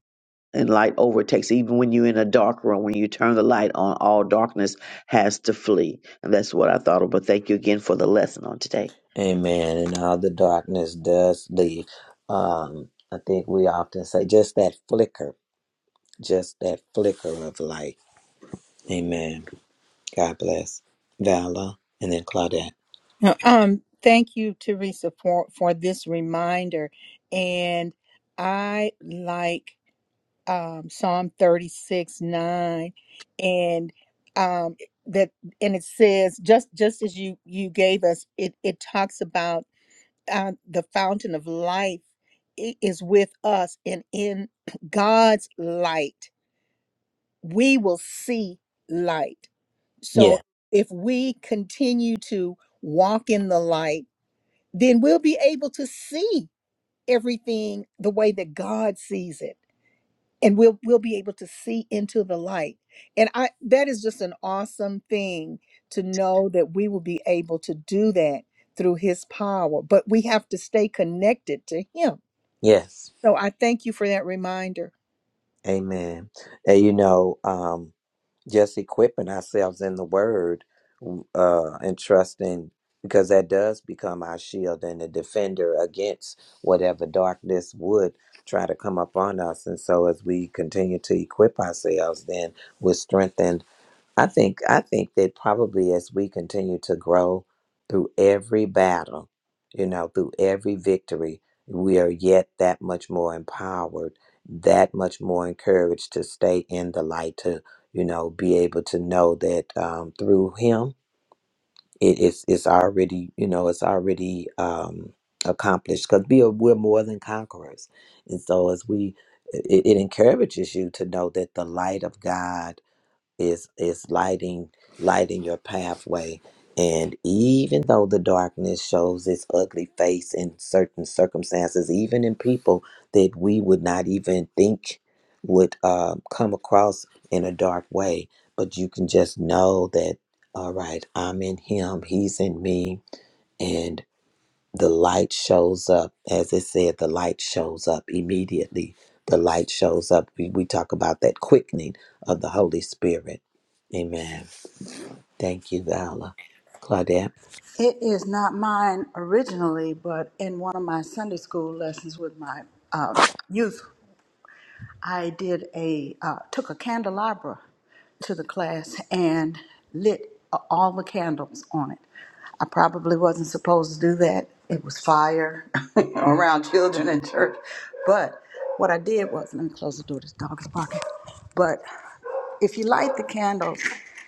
Speaker 2: and light overtakes even when you're in a dark room when you turn the light on all darkness has to flee and that's what i thought of but thank you again for the lesson on today
Speaker 3: Amen. And all the darkness does leave. Um, I think we often say just that flicker, just that flicker of light. Amen. God bless. Vala and then Claudette.
Speaker 1: No, Um, thank you, Teresa, for, for this reminder. And I like um, Psalm 36, 9, and um, that and it says just just as you you gave us, it, it talks about uh, the fountain of life i- is with us, and in God's light, we will see light. So
Speaker 3: Yeah.
Speaker 1: if we continue to walk in the light, then we'll be able to see everything the way that God sees it and we'll we'll be able to see into the light and i that is just an awesome thing to know that we will be able to do that through his power but we have to stay connected to him
Speaker 3: Yes.
Speaker 1: so i thank you for that reminder
Speaker 3: Amen. And you know, um, just equipping ourselves in the word uh and trusting because that does become our shield and a defender against whatever darkness would try to come upon us and so as we continue to equip ourselves then we're strengthened I think I think that probably as we continue to grow through every battle, you know, through every victory, we are yet that much more empowered, that much more encouraged to stay in the light, to you know, be able to know that um, through Him, it is it's already you know it's already um, accomplished because we are we're more than conquerors, and so as we it, it encourages you to know that the light of God is is lighting lighting your pathway and even though the darkness shows its ugly face in certain circumstances even in people that we would not even think would um, come across in a dark way but you can just know that all right i'm in him he's in me and the light shows up as it said the light shows up immediately the light shows up we, we talk about that quickening of the holy spirit amen thank you vala claudette
Speaker 4: It is not mine originally, but in one of my Sunday school lessons with my uh, youth I did a uh, took a candelabra to the class and lit a- all the candles on it. I probably wasn't supposed to do that. It was fire around children in church, but what I did was let me close the door. This dog is barking. But if you light the candles,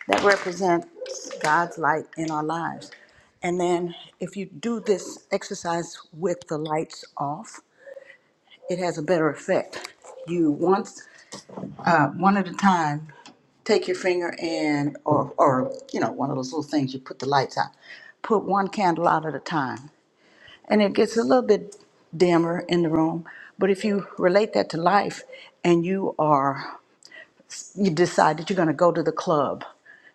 Speaker 4: that represents God's light in our lives. And then if you do this exercise with the lights off, it has a better effect. You once uh, one at a time. Take your finger and, or, or, you know, one of those little things you put the lights out. Put one candle out at a time. And it gets a little bit dimmer in the room. But if you relate that to life and you are, you decide that you're going to go to the club,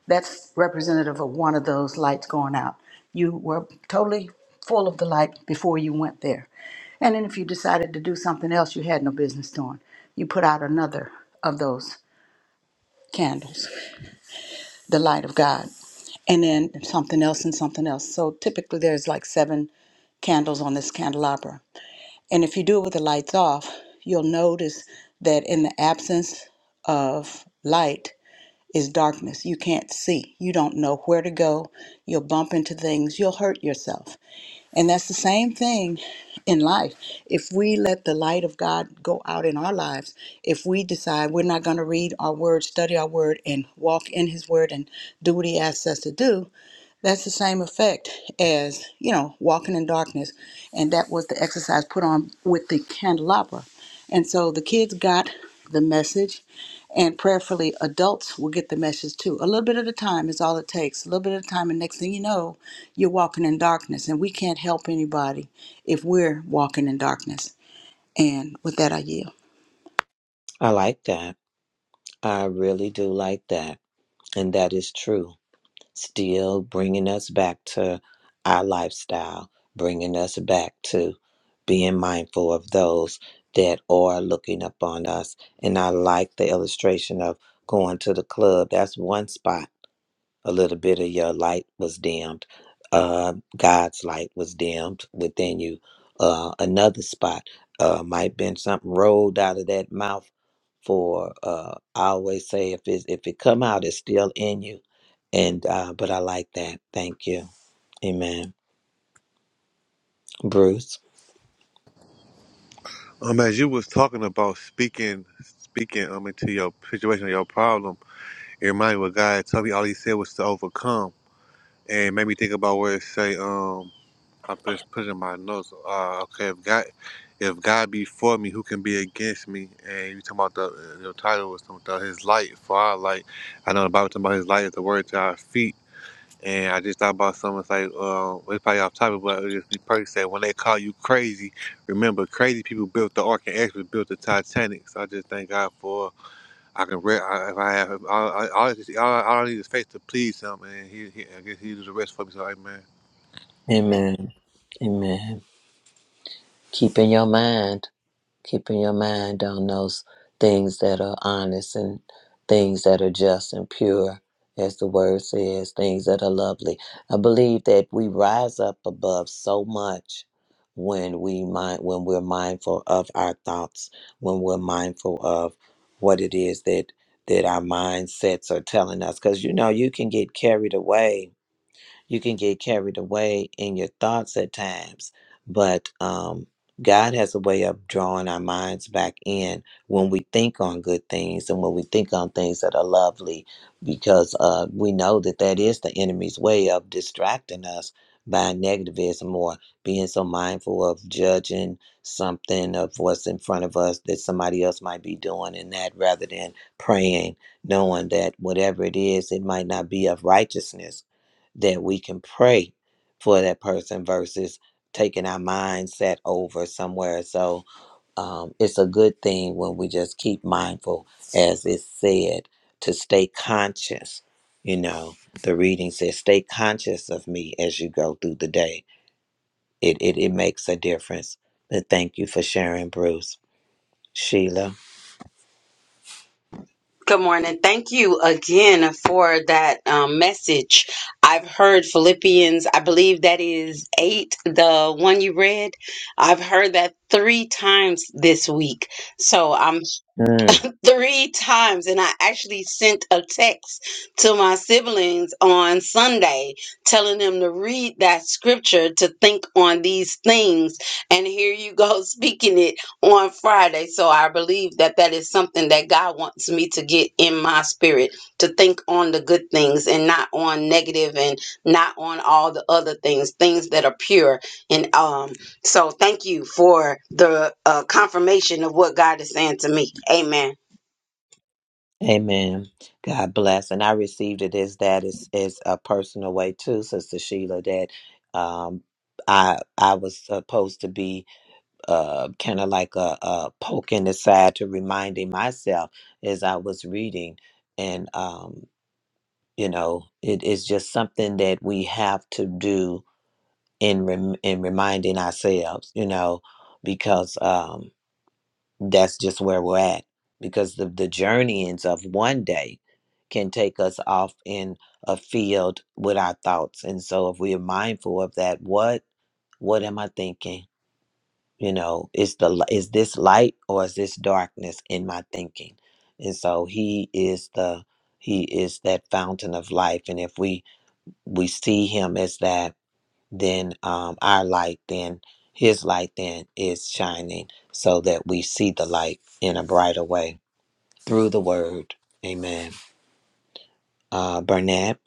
Speaker 4: that's representative of one of those lights going out. You were totally full of the light before you went there. And then if you decided to do something else you had no business doing, you put out another of those candles. the light of God, and then something else and something else. So typically there's like seven candles on this candelabra. And if you do it with the lights off, you'll notice that in the absence of light is darkness. You can't see. You don't know where to go. You'll bump into things. You'll hurt yourself. And that's the same thing in life. If we let the light of God go out in our lives, if we decide we're not going to read our word, study our word, and walk in his word and do what he asks us to do, that's the same effect as, you know, walking in darkness. And that was the exercise put on with the candelabra. And so the kids got the message, and prayerfully, adults will get the message too. A little bit at a time is all it takes. A little bit at a time, and next thing you know, you're walking in darkness. And we can't help anybody if we're walking in darkness. And with that, I yield.
Speaker 3: i like that i really do like that and that is true still bringing us back to our lifestyle, bringing us back to being mindful of those that are looking upon us. And I like the illustration of going to the club. That's one spot a little bit of your light was dimmed. Uh, God's light was dimmed within you. Uh, another spot uh, might been something rolled out of that mouth. For uh, I always say if it if it come out, it's still in you. And uh, but I like that. Thank you. Amen. Bruce.
Speaker 9: Um, as you was talking about speaking, speaking um into your situation, your problem, it reminded me what God told me. All He said was to overcome, and it made me think about where it say um. I'm just putting my notes. Uh, okay, if God, if God be for me, who can be against me? And you talking about the your title was talking about His light for our light. I know the Bible talking about His light is the word to our feet. And I just thought about something. It's like, um, it's probably off topic, but it just be perfect. Said when they call you crazy, remember crazy people built the Ark and actually built the Titanic. So I just thank God for I can re- I, if I have all I, all, I just, all, I all I need is faith to please Him, and He, he I guess He does the rest for me. So Amen.
Speaker 3: Amen. Amen. Keep in your mind. keeping your mind on those things that are honest and things that are just and pure, as the word says, things that are lovely. I believe that we rise up above so much when we mind when we're mindful of our thoughts, when we're mindful of what it is that that our mindsets are telling us. Because you know, you can get carried away you can get carried away in your thoughts at times, but um, God has a way of drawing our minds back in when we think on good things and when we think on things that are lovely, because uh, we know that that is the enemy's way of distracting us by negativism or being so mindful of judging something of what's in front of us that somebody else might be doing and that rather than praying knowing that whatever it is it might not be of righteousness that we can pray for that person versus taking our mindset over somewhere. So um, it's a good thing when we just keep mindful, as it's said, to stay conscious. You know, the reading says, stay conscious of me as you go through the day. It, it, it makes a difference. But thank you for sharing, Bruce. Sheila.
Speaker 10: Good morning. Thank you again for that um, message. I've heard Philippians, I believe that is eight, the one you read. I've heard that three times this week. So I'm three times and I actually sent a text to my siblings on Sunday telling them to read that scripture to think on these things and here you go speaking it on Friday so I believe that that is something that God wants me to get in my spirit to think on the good things and not on negative and not on all the other things things that are pure and um so thank you for the uh, confirmation of what God is saying to me amen
Speaker 3: Amen. God bless. And I received it as that is is a personal way too, Sister Sheila, that um I I was supposed to be uh kind of like a, a poke in the side to reminding myself as I was reading. And um, you know, it is just something that we have to do in rem- in reminding ourselves, you know, because um that's just where we're at because the, the journeyings of one day can take us off in a field with our thoughts and so if we are mindful of that what what am i thinking you know is the li- is this light or is this darkness in my thinking and so he is the he is that fountain of life and if we we see him as that then um, our light then his light then is shining so that we see the light in a brighter way through the word amen uh bernard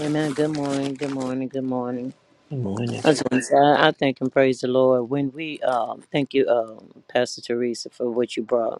Speaker 11: Amen. Good morning. Good morning. Good morning.
Speaker 3: good morning
Speaker 11: I just want to say I I thank and praise the Lord. When we um, thank you, um, Pastor Teresa, for what you brought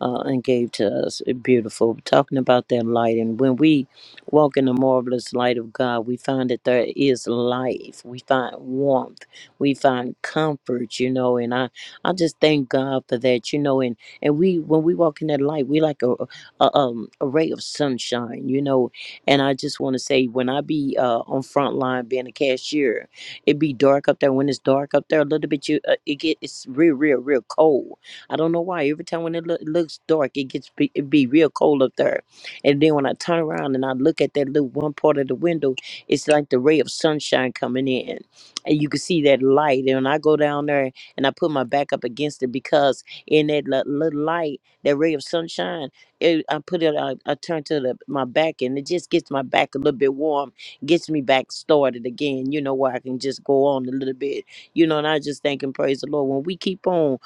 Speaker 11: uh, and gave to us. eh, Beautiful. Talking about that light. And when we walk in the marvelous light of God, we find that there is life. We find warmth. We find comfort, you know. And I, I just thank God for that, you know. And, and we, when we walk in that light, we like a, a, um, a ray of sunshine, you know. And I just want to say, when I be uh, on front line being a cashier, it be dark up there. When it's dark up there a little bit, you uh, it get it's real, real, real cold I don't know why. Every time when it, look, it looks dark, it gets be, it be real cold up there. And then when I turn around and I look at that little one part of the window, it's like the ray of sunshine coming in, and you can see that light. And when I go down there and I put my back up against it because in that li- little light, that ray of sunshine, it, I put it. I, I turn to the, my back, and it just gets my back a little bit warm, gets me back started again. You know where I can just go on a little bit. You know, and I just thank and praise the Lord when we keep on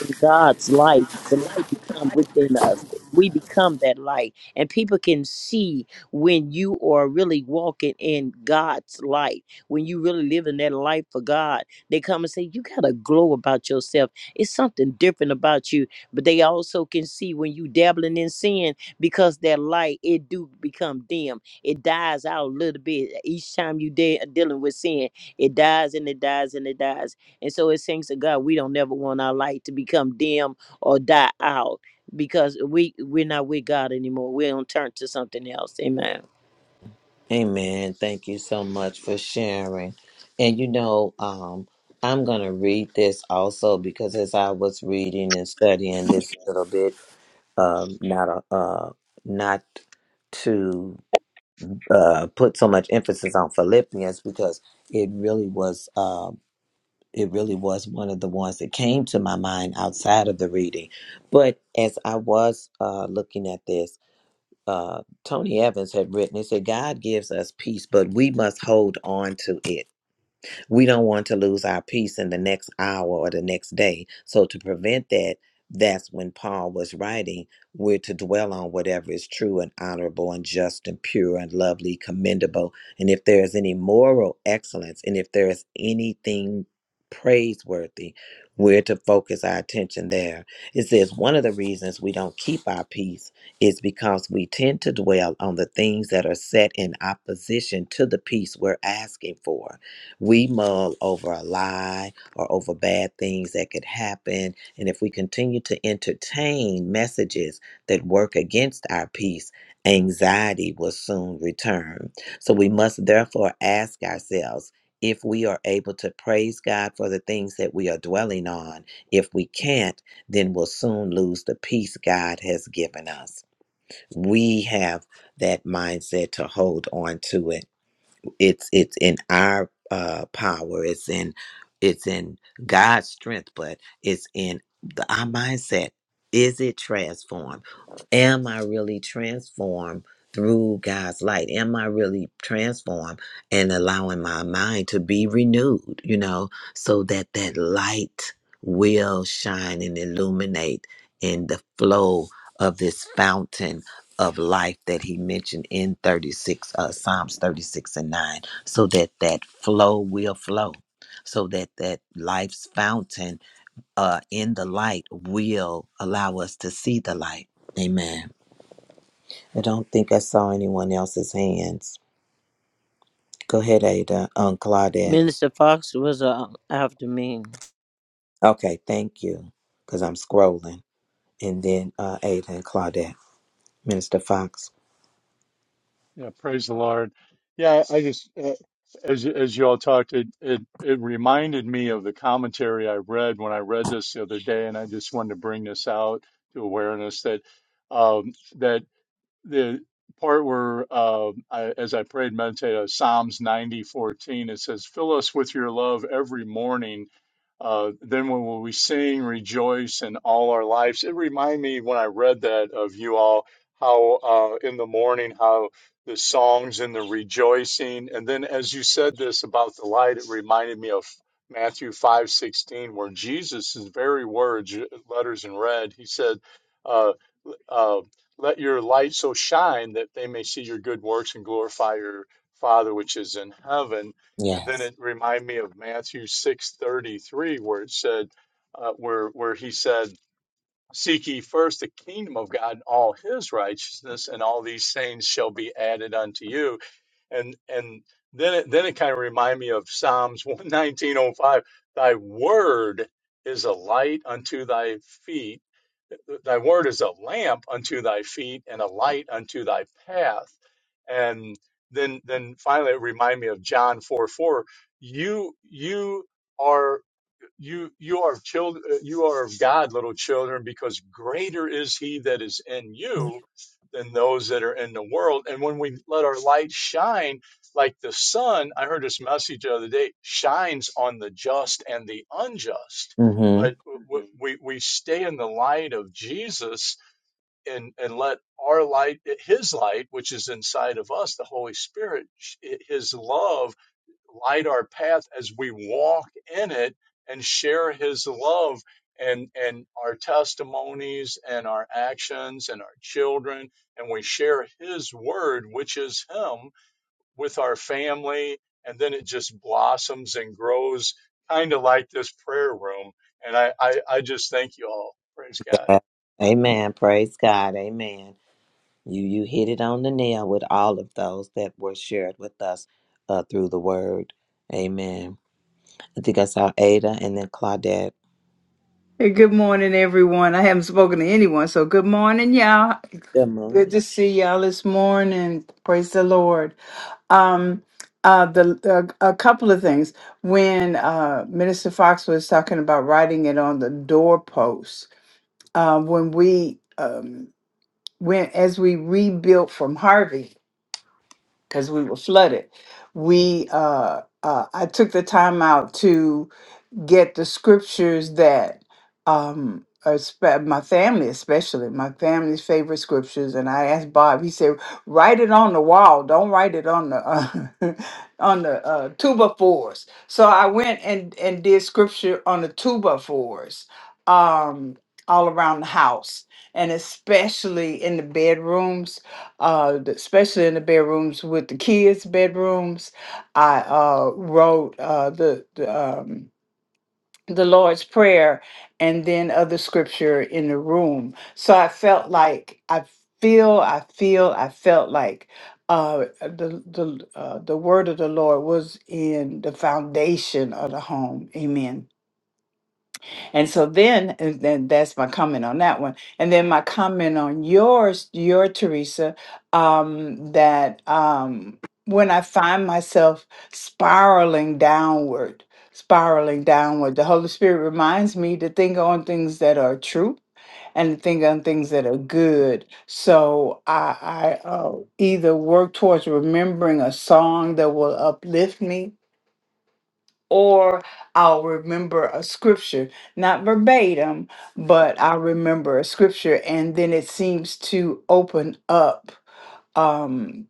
Speaker 11: in God's light, the light become within us. We become that light. And people can see when you are really walking in God's light, when you really live in that light for God. They come and say, You got a glow about yourself. It's something different about you. But they also can see when you dabbling in sin because that light, it do become dim. It dies out a little bit. Each time you de- dealing with sin, it dies and it dies and it dies and so it seems to God we don't never want our light to become dim or die out because we we're not with God anymore. We don't turn to something else. Amen.
Speaker 3: amen thank you so much for sharing and you know um i'm gonna read this also because as i was reading and studying this little bit um not a uh not to uh put so much emphasis on philippians because it really was Um, it really was one of the ones that came to my mind outside of the reading. But as I was uh, looking at this, uh, Tony Evans had written, it said, God gives us peace, but we must hold on to it we don't want to lose our peace in the next hour or the next day. So to prevent that, that's when Paul was writing, we're to dwell on whatever is true and honorable and just and pure and lovely, commendable. And if there is any moral excellence and if there is anything praiseworthy, we're to focus our attention there. It says one of the reasons we don't keep our peace is because we tend to dwell on the things that are set in opposition to the peace we're asking for. We mull over a lie or over bad things that could happen. And if we continue to entertain messages that work against our peace, anxiety will soon return. So we must therefore ask ourselves if we are able to praise God for the things that we are dwelling on. If we can't, then we'll soon lose the peace God has given us. We have that mindset to hold on to it it's it's in our uh power it's in it's in god's strength but it's in the, our mindset is it transformed am i really transformed through god's light am i really transformed and allowing my mind to be renewed you know so that that light will shine and illuminate in the flow of this fountain of life that he mentioned in 36 uh, psalms 36 and 9 so that that flow will flow so that that life's fountain uh, in the light will allow us to see the light amen i don't think i saw anyone else's hands go ahead ada um, claudette
Speaker 11: Minister Fox was uh, after me.
Speaker 3: okay thank you because i'm scrolling and then uh, ada and claudette minister fox
Speaker 6: Yeah, praise the Lord. Yeah, I I just uh, as as you all talked, it, it it reminded me of the commentary I read when I read this the other day, and I just wanted to bring this out to awareness that um, that the part where uh, I, as I prayed, and meditated, on Psalms ninety fourteen, it says, "Fill us with your love every morning." Uh, then when will we sing, rejoice in all our lives? It reminded me when I read that of you all, how uh, in the morning, how the songs and the rejoicing, and then as you said this about the light, it reminded me of Matthew five sixteen, where Jesus' very words, letters in red, he said. Uh, uh, let your light so shine that they may see your good works and glorify your Father which is in heaven. And then
Speaker 3: yes
Speaker 6: it reminded me of Matthew six thirty three, where it said, uh, where where he said, "Seek ye first the kingdom of God and all His righteousness, and all these things shall be added unto you." And and then it, then it kind of reminded me of Psalms one nineteen oh five, "Thy word is a light unto thy feet." thy word is a lamp unto thy feet and a light unto thy path and then then finally it reminded me of john 4 4 you you are you you are children uh, you are of god little children because greater is he that is in you than those that are in the world and when we let our light shine like the sun i heard this message the other day shines on the just and the unjust
Speaker 3: mm-hmm
Speaker 6: but w- we we stay in the light of jesus and and let our light his light which is inside of us the holy spirit his love light our path as we walk in it and share his love and and our testimonies and our actions and our children and we share his word which is him with our family and then it just blossoms and grows kind of like this prayer room and I, I i just thank you all praise god
Speaker 3: amen praise god amen You you hit it on the nail with all of those that were shared with us uh, through the word. Amen. I think I saw Ada and then Claudette.
Speaker 12: Hey, good morning, everyone. I haven't spoken to anyone, so good morning, y'all.
Speaker 3: Good
Speaker 12: Good to
Speaker 3: morning.
Speaker 12: see y'all this morning. Praise the Lord. Um, uh, the uh, a couple of things when uh, Minister Fox was talking about writing it on the doorpost. Uh, when we um, went as we rebuilt from Harvey because we were flooded, we uh, uh, I took the time out to get the scriptures that um are spe- my family especially my family's favorite scriptures and i asked bob he said write it on the wall don't write it on the uh, on the uh, tuba fours so i went and and did scripture on the tuba fours um all around the house and especially in the bedrooms uh the- especially in the bedrooms with the kids bedrooms i uh wrote uh the, the um the Lord's Prayer and then other scripture in the room. So I felt like I feel, I feel, I felt like uh, the the uh, the word of the Lord was in the foundation of the home. Amen. And so then, and then that's my comment on that one. And then my comment on yours, your Teresa, um, that um, when I find myself spiraling downward, spiraling downward, the Holy Spirit reminds me to think on things that are true and to think on things that are good. So I, I uh, either work towards remembering a song that will uplift me or I'll remember a scripture, not verbatim, but I remember a scripture, and then it seems to open up um,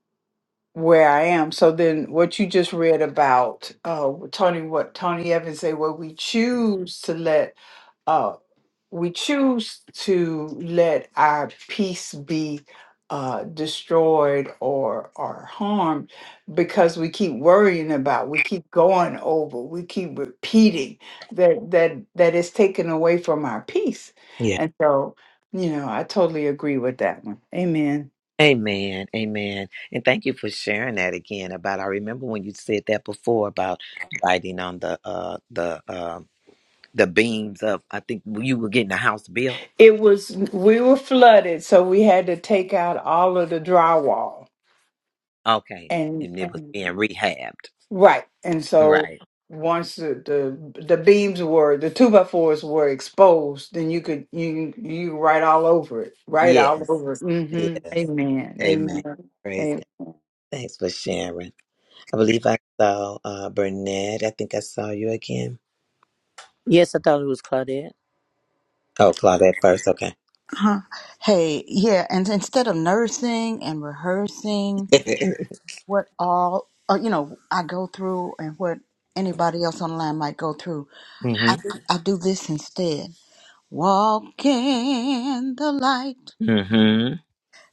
Speaker 12: where I am. So then, what you just read about uh, Tony, what Tony Evans say, well, we choose to let uh, we choose to let our peace be uh, destroyed or or harmed because we keep worrying about, we keep going over, we keep repeating that that that is taken away from our peace,
Speaker 3: Yeah.
Speaker 12: and so you know I totally agree with that one. Amen.
Speaker 3: Amen. Amen. And thank you for sharing that again about I remember when you said that before about writing on the uh the uh the beams of I think you were getting a house built.
Speaker 12: It was we were flooded, so we had to take out all of the drywall,
Speaker 3: Okay.
Speaker 12: and
Speaker 3: And it was
Speaker 12: and
Speaker 3: being rehabbed.
Speaker 12: Right. And so
Speaker 3: Right.
Speaker 12: once the, the the beams were the two by fours were exposed, then you could you you could write all over it. Write all
Speaker 3: Yes.
Speaker 12: over it. hmm
Speaker 3: Yes.
Speaker 12: Amen.
Speaker 3: Amen.
Speaker 12: Amen.
Speaker 3: Praise God.
Speaker 12: Amen.
Speaker 3: Thanks for sharing. I believe I saw uh, Burnett. I think I saw you again.
Speaker 11: Yes, I thought it was Claudette.
Speaker 3: Oh, Claudette first. Okay.
Speaker 4: Huh. Hey, yeah, and instead of nursing and rehearsing what all uh, you know I go through and what anybody else online might go through. I
Speaker 3: hmm
Speaker 4: do, I do this instead. Walk in the light,
Speaker 3: hmm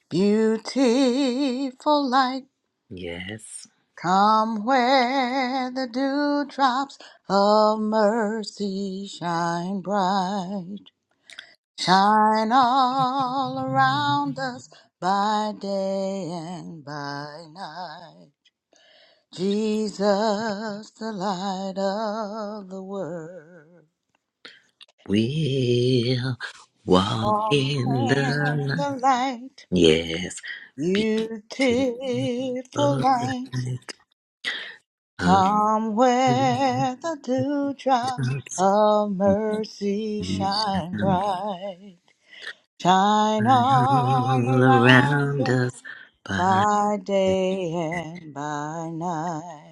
Speaker 4: beautiful light.
Speaker 3: Yes.
Speaker 4: Come where the dewdrops of mercy shine bright. Shine all around us by day and by night. Jesus, the light of the world.
Speaker 3: We'll walk
Speaker 4: Walk
Speaker 3: in the
Speaker 4: in the
Speaker 3: light.
Speaker 4: light,
Speaker 3: Yes. Beautiful light.
Speaker 4: beautiful
Speaker 3: of
Speaker 4: light. Come where the dewdrops
Speaker 3: the
Speaker 4: of mercy
Speaker 3: sun
Speaker 4: shine
Speaker 3: shine
Speaker 4: bright. Shine all
Speaker 3: All
Speaker 4: around
Speaker 3: around us.
Speaker 4: us
Speaker 3: Bye.
Speaker 4: by day and by night.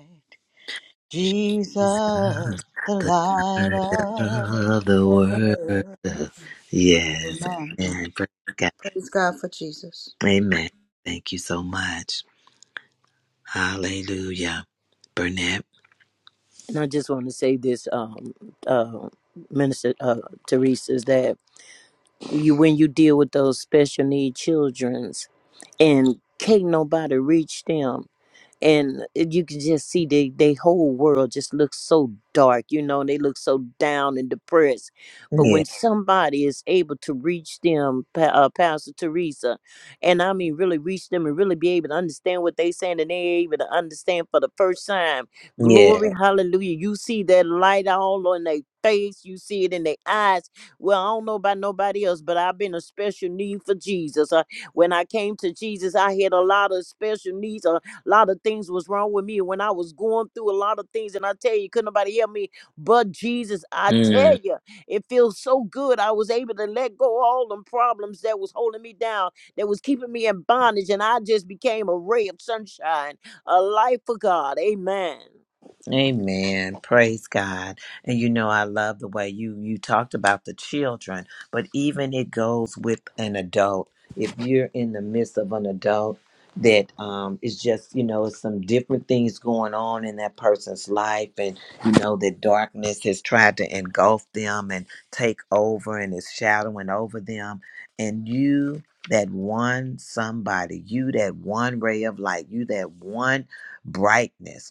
Speaker 3: Jesus,
Speaker 4: Jesus, the
Speaker 3: the
Speaker 4: light
Speaker 3: word
Speaker 4: of
Speaker 3: of
Speaker 4: the world.
Speaker 3: the world. Yes,
Speaker 4: Amen.
Speaker 3: amen. Praise God.
Speaker 4: Praise God for Jesus.
Speaker 3: Amen. Thank you so much. Hallelujah. Burnett?
Speaker 11: And I just want to say this, um, uh, Minister uh, Teresa, is that you, when you deal with those special need childrens and can't nobody reach them, and it- you can just see they they whole world just looks so dark you know and they look so down and depressed but when somebody is able to reach them Pa- uh, pastor teresa and i mean really reach them and really be able to understand what they saying and they able to understand for the first time
Speaker 3: Yeah.
Speaker 11: glory hallelujah you see that light all on their face you see it in their eyes well i don't know about nobody else but i've been a special need for jesus Uh, when i came to jesus i had a lot of special needs uh, a lot of things was wrong with me when I was going through a lot of things. And I tell you, couldn't nobody help me but Jesus. I
Speaker 3: Yeah.
Speaker 11: tell you, it feels so good. I was able to let go of all them problems that was holding me down, that was keeping me in bondage. And I just became a ray of sunshine, a light for God. Amen.
Speaker 3: Amen. Praise God. And you know I love the way you you talked about the children, but even it goes with an adult. If you're in the midst of an adult that um is just, you know, some different things going on in that person's life and you know that darkness has tried to engulf them and take over and is shadowing over them and you that one somebody, you that one ray of light, you that one brightness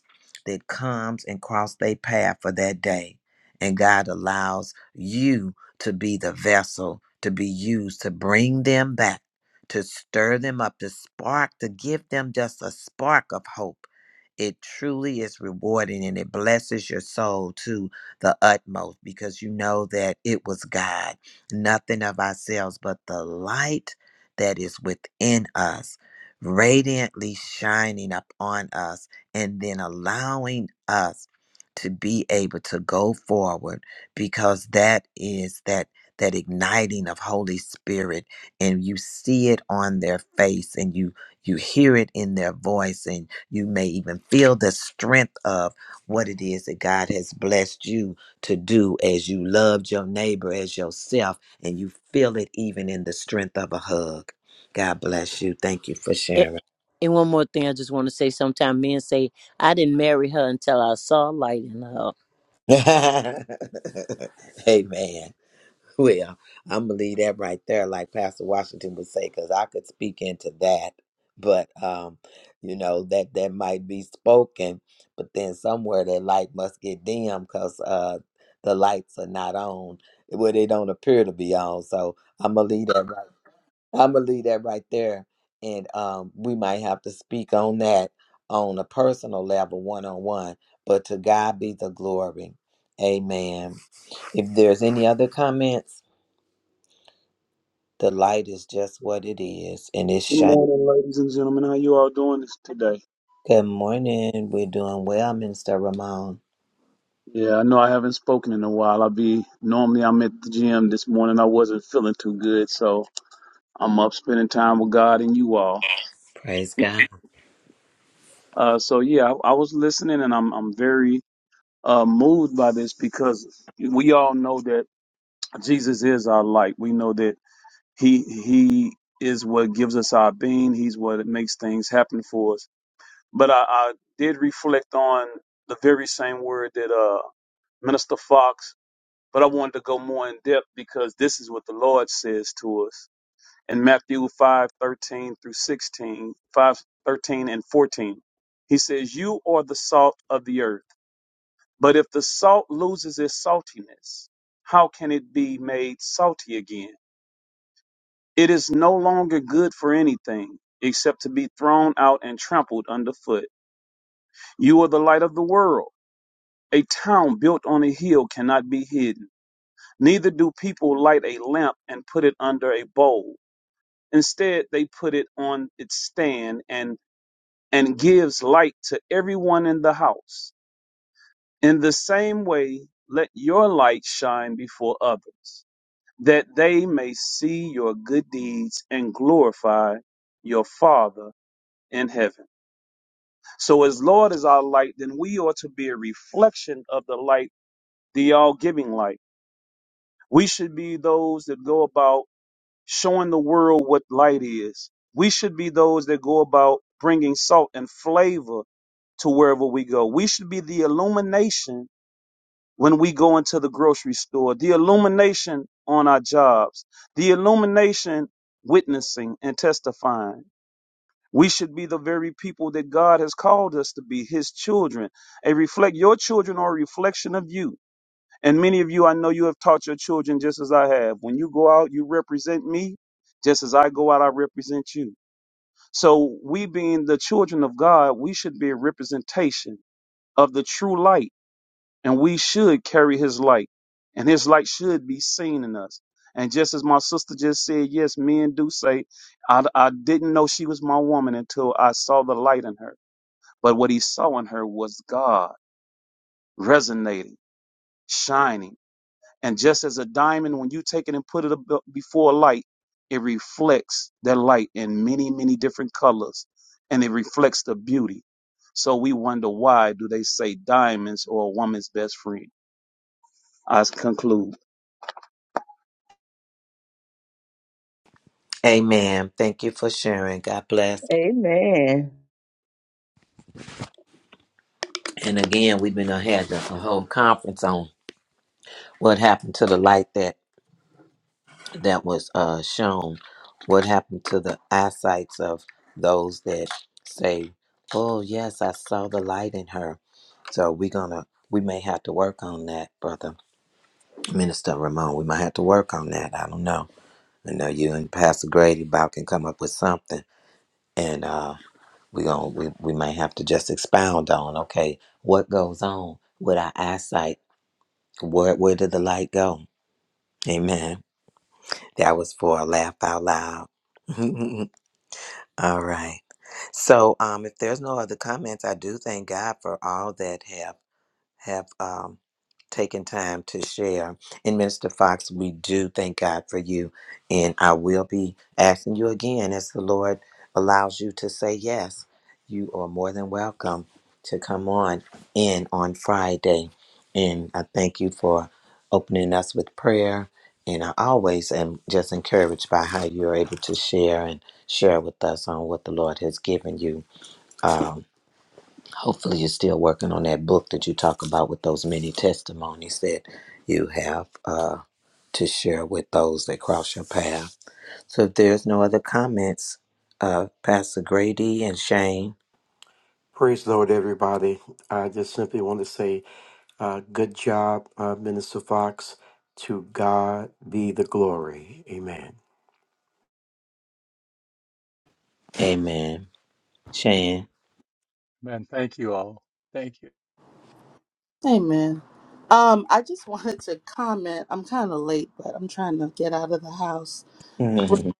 Speaker 3: that comes and cross their path for that day. And God allows you to be the vessel to be used to bring them back, to stir them up, to spark, to give them just a spark of hope. It truly is rewarding and it blesses your soul to the utmost because you know that it was God, nothing of ourselves, but the light that is within us, radiantly shining upon us and then allowing us to be able to go forward because that is that that igniting of holy spirit and you see it on their face and you you hear it in their voice and you may even feel the strength of what it is that god has blessed you to do as you loved your neighbor as yourself and you feel it even in the strength of a hug god bless you thank you for sharing
Speaker 11: A- And one more thing I just want to say. Sometimes men say, I didn't marry her until I saw light in her.
Speaker 3: Amen. Well, I'm gonna leave that right there, like Pastor Washington would say, because I could speak into that, but um, you know that that might be spoken, but then somewhere that light must get dim because uh the lights are not on. Well, they don't appear to be on. So I'm gonna leave that right. I'm gonna leave that right there, and um, we might have to speak on that on a personal level, one on one. But to God be the glory, Amen. If there's any other comments, the light is just what it is, and it's
Speaker 13: Good
Speaker 3: shining.
Speaker 13: morning, ladies and gentlemen. How you all doing this today?
Speaker 3: Good morning. We're doing well, Minister Ramon.
Speaker 13: Yeah, I know I haven't spoken in a while. I'll be normally I'm at the gym this morning. I wasn't feeling too good, so I'm up spending time with God and you all.
Speaker 3: Praise God.
Speaker 13: Uh, so yeah, I, I was listening, and I'm I'm very uh, moved by this because we all know that Jesus is our light. We know that he he is what gives us our being. He's what makes things happen for us. But I, I did reflect on the very same word that uh, Minister Fox, but I wanted to go more in depth because this is what the Lord says to us in Matthew 5:13 through 16, 5 thirteen and 14. He says, You are the salt of the earth, but if the salt loses its saltiness, how can it be made salty again? It is no longer good for anything except to be thrown out and trampled underfoot. You are the light of the world. A town built on a hill cannot be hidden. Neither do people light a lamp and put it under a bowl. Instead, they put it on its stand and, and gives light to everyone in the house. In the same way, let your light shine before others, that they may see your good deeds and glorify your Father in heaven. So, as Lord is our light, then we ought to be a reflection of the light, the all giving light. We should be those that go about showing the world what light is. We should be those that go about bringing salt and flavor to wherever we go. We should be the illumination when we go into the grocery store, the illumination on our jobs, the illumination witnessing and testifying. We should be the very people that God has called us to be, His children. A reflect your children are a reflection of you. And many of you, I know you have taught your children just as I have. When you go out, you represent me. Just as I go out, I represent you. So, we being the children of God, we should be a representation of the true light, and we should carry his light, and his light should be seen in us. And just as my sister just said, yes, men do say, I, I didn't know she was my woman until I saw the light in her. But what he saw in her was God resonating, shining And just as a diamond, when you take it and put it ab- before a light, it reflects that light in many, many different colors and it reflects the beauty. So we wonder why do they say diamonds or a woman's best friend? I conclude.
Speaker 3: Amen. Thank you for sharing. God bless.
Speaker 2: Amen.
Speaker 3: And again, we've been had a a whole conference on what happened to the light that that was uh, shown what happened to the eyesights of those that say oh yes i saw the light in her so we're gonna we may have to work on that brother minister ramon we might have to work on that i don't know i know you and pastor grady about can come up with something and uh we gonna we, we may have to just expound on okay what goes on with our eyesight where where did the light go amen that was for a laugh out loud All right. So, um, if there's no other comments, I do thank God for all that have have um, taken time to share. And Minister Fox, we do thank God for you. And I will be asking you again as the Lord allows you to say yes. You are more than welcome to come on in on Friday. And I thank you for opening us with prayer. And I always am just encouraged by how you're able to share and share with us on what the Lord has given you. Um, Hopefully, you're still working on that book that you talk about with those many testimonies that you have uh, to share with those that cross your path. So, if there's no other comments, uh, Pastor Grady and Shane,
Speaker 14: Praise the Lord, everybody. I just simply want to say, uh, good job, uh, Minister Fox. To God be the glory. Amen.
Speaker 3: amen. Shane.
Speaker 6: man thank you all thank you
Speaker 5: Amen. Um, I just wanted to comment. I'm kind of late, but I'm trying to get out of the house.
Speaker 3: Mm-hmm.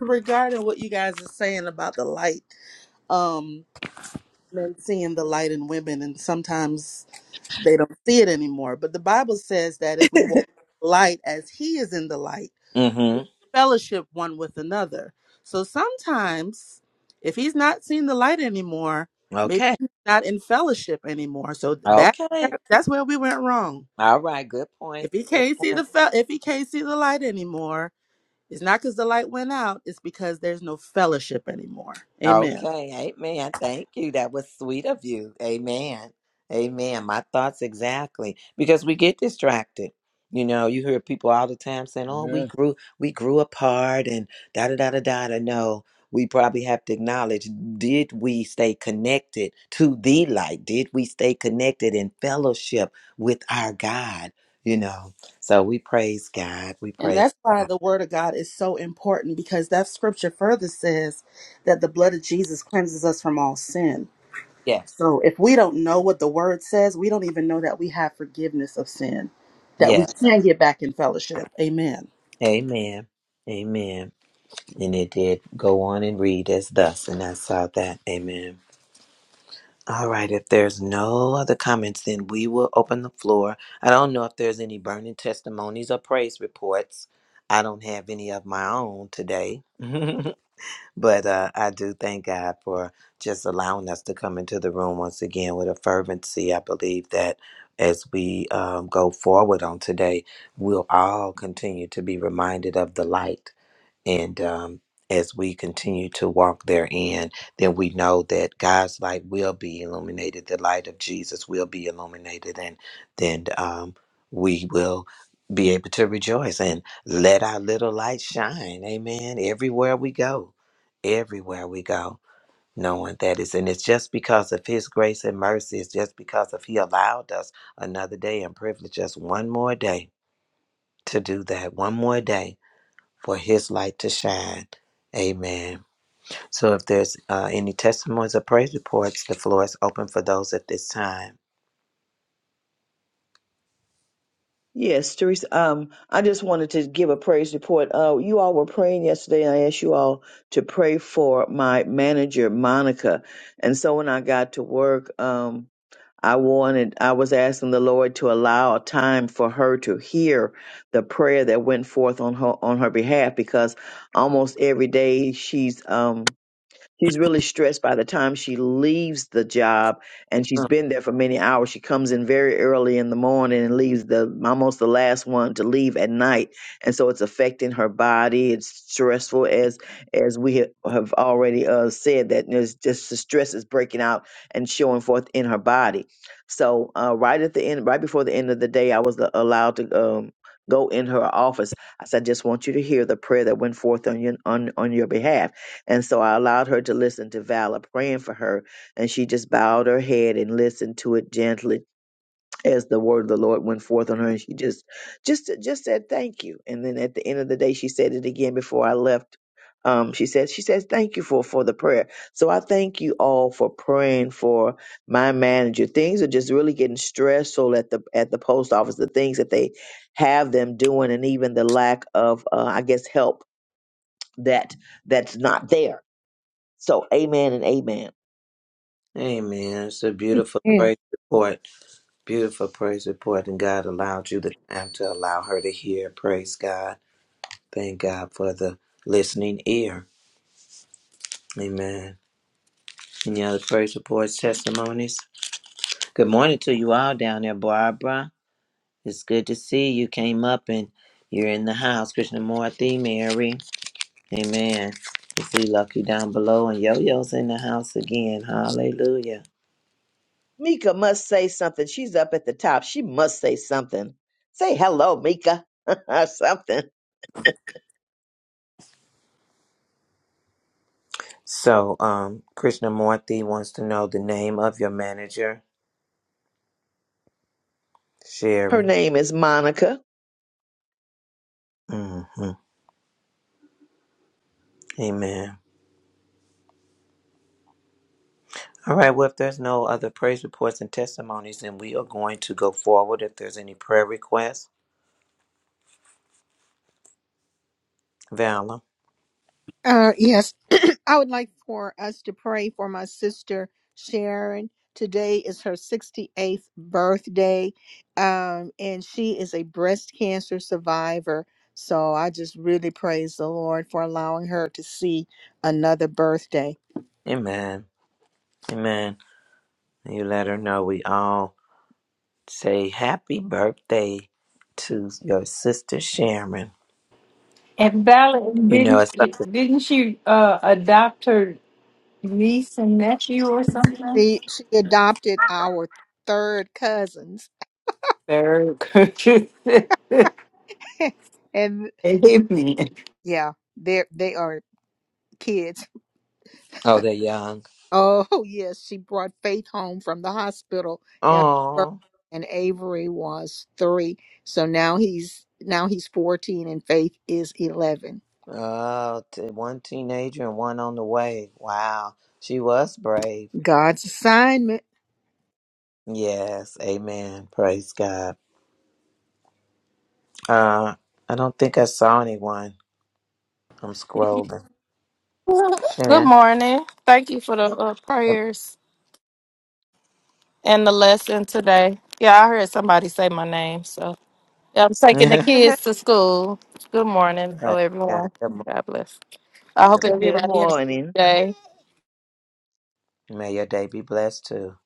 Speaker 5: regarding what you guys are saying about the light, um, men seeing the light in women, and sometimes they don't see it anymore. But the Bible says that if we walk in the light as He is in the light, we
Speaker 3: Mm-hmm.
Speaker 5: fellowship one with another. So sometimes, if He's not seeing the light anymore, maybe
Speaker 3: Okay.
Speaker 5: He's not in fellowship anymore. So that
Speaker 3: Okay.
Speaker 5: that's where we went wrong.
Speaker 3: All right. Good
Speaker 5: If
Speaker 3: point.
Speaker 5: He
Speaker 3: Good
Speaker 5: can't see the
Speaker 3: point.
Speaker 5: fel- if He can't see the light anymore it's not because the light went out, it's because there's no fellowship anymore. Amen.
Speaker 3: Okay, amen. Thank you. That was sweet of you. Amen. Amen. My thoughts exactly. Because we get distracted. You know, you hear people all the time saying, Oh, we
Speaker 6: amen
Speaker 3: grew we grew apart and da da da da da da. No, we probably have to acknowledge, did we stay connected to the light? Did we stay connected in fellowship with our God? You know. So we praise God. We
Speaker 5: And
Speaker 3: praise.
Speaker 5: that's why the word of God is so important because that scripture further says that the blood of Jesus cleanses us from all sin.
Speaker 3: Yes.
Speaker 5: So if we don't know what the word says, we don't even know that we have forgiveness of sin, that we
Speaker 3: Yes.
Speaker 5: can get back in fellowship. Amen.
Speaker 3: Amen. Amen. And it did go on and read as thus, and I saw that. Amen. All right, if there's no other comments, then we will open the floor. I don't know if there's any burning testimonies or praise reports. I don't have any of my own today, but uh, I do thank God for just allowing us to come into the room once again with a fervency. I believe that as we um, go forward on today, we'll all continue to be reminded of the light and um, as we continue to walk therein, then we know that God's light will be illuminated. The light of Jesus will be illuminated, and then um, we will be able to rejoice and let our little light shine. Amen. Everywhere we go, everywhere we go, knowing that is, and it's just because of His grace and mercy. It's just because of He allowed us another day and privileged us one more day to do that. One more day for his light to shine. Amen. So if there's uh, any testimonies or praise reports, the floor is open for those at this time.
Speaker 2: Yes, Teresa. Um, I just wanted to give a praise report. Uh, you all were praying yesterday, and I asked you all to pray for my manager, Monica. And so when I got to work, um, I wanted, I was asking the Lord to allow a time for her to hear the prayer that went forth on her on her behalf, because almost every day she's um She's really stressed by the time she leaves the job and she's
Speaker 3: Mm.
Speaker 2: been there for many hours. She comes in very early in the morning and leaves the almost the last one to leave at night. And so it's affecting her body. It's stressful as as we ha- have already uh, said that there's just the stress is breaking out and showing forth in her body. So uh, right at the end, right before the end of the day, I was a- allowed to um, go in her office. I said, I just want you to hear the prayer that went forth on your on, on your behalf and so I allowed her to listen to Vala praying for her, and she just bowed her head and listened to it gently as the word of the Lord went forth on her. And she just, just, just said thank you. And then at the end of the day, she said it again before I left. Um, she said, she says, thank you for, for the prayer. So I thank you all for praying for my manager. Things are just really getting stressful at the, at the post office, the things that they have them doing, and even the lack of, uh, I guess, help that that's not there so, amen and amen.
Speaker 3: Amen. It's a beautiful praise report. Beautiful praise report. And God allowed you the time to allow her to hear. Praise God. Thank God for the listening ear. Amen. Any other praise reports, testimonies? Good morning to you all down there, Barbara. It's good to see you. Came up and you're in the house. Krishna Murthy, Mary. Amen. You see Lucky down below and Yo-Yo's in the house again. Hallelujah.
Speaker 2: Mika must say something. She's up at the top. She must say something. Say hello, Mika. something.
Speaker 3: So, um, Krishnamurti wants to know the name of your manager,
Speaker 2: Her
Speaker 3: Sherry.
Speaker 2: name is Monica.
Speaker 3: hmm Amen. All right. Well, if there's no other praise reports and testimonies, then we are going to go forward. If there's any prayer requests, Valor.
Speaker 1: Uh, yes, I would like for us to pray for my sister Sharon. Today is her 68th birthday, um, and she is a breast cancer survivor. So I just really praise the Lord for allowing her to see another birthday.
Speaker 3: Amen. Amen. And You let her know we all say happy birthday to your sister Sharon.
Speaker 12: And Bella,
Speaker 3: You know,
Speaker 12: didn't
Speaker 3: it's something.
Speaker 12: didn't she uh, adopt her niece and nephew or something?
Speaker 1: She she adopted our third cousins,
Speaker 12: Very good.
Speaker 1: and
Speaker 12: Amen.
Speaker 1: yeah, they they are kids.
Speaker 3: Oh, they're young.
Speaker 1: Oh yes, she brought Faith home from the hospital after birth,
Speaker 3: Oh,
Speaker 1: and Avery was three. So now he's now he's fourteen, and Faith is eleven.
Speaker 3: oh, t- one teenager and one on the way. Wow, she was brave.
Speaker 1: God's assignment.
Speaker 3: Yes, amen. Praise God. Uh, I don't think I saw anyone. I'm scrolling.
Speaker 15: Good
Speaker 3: Sharon.
Speaker 15: morning. Thank you for the uh, prayers and the lesson today. Yeah, I heard somebody say my name. So yeah, I'm taking the
Speaker 3: Yeah.
Speaker 15: kids to school. Good morning. Hello,
Speaker 3: Praise God.
Speaker 15: everyone.
Speaker 3: Good morning.
Speaker 15: God bless. I
Speaker 3: Good
Speaker 15: hope
Speaker 3: morning.
Speaker 2: Good
Speaker 15: everybody has a good
Speaker 2: morning.
Speaker 15: day.
Speaker 3: May your day be blessed too.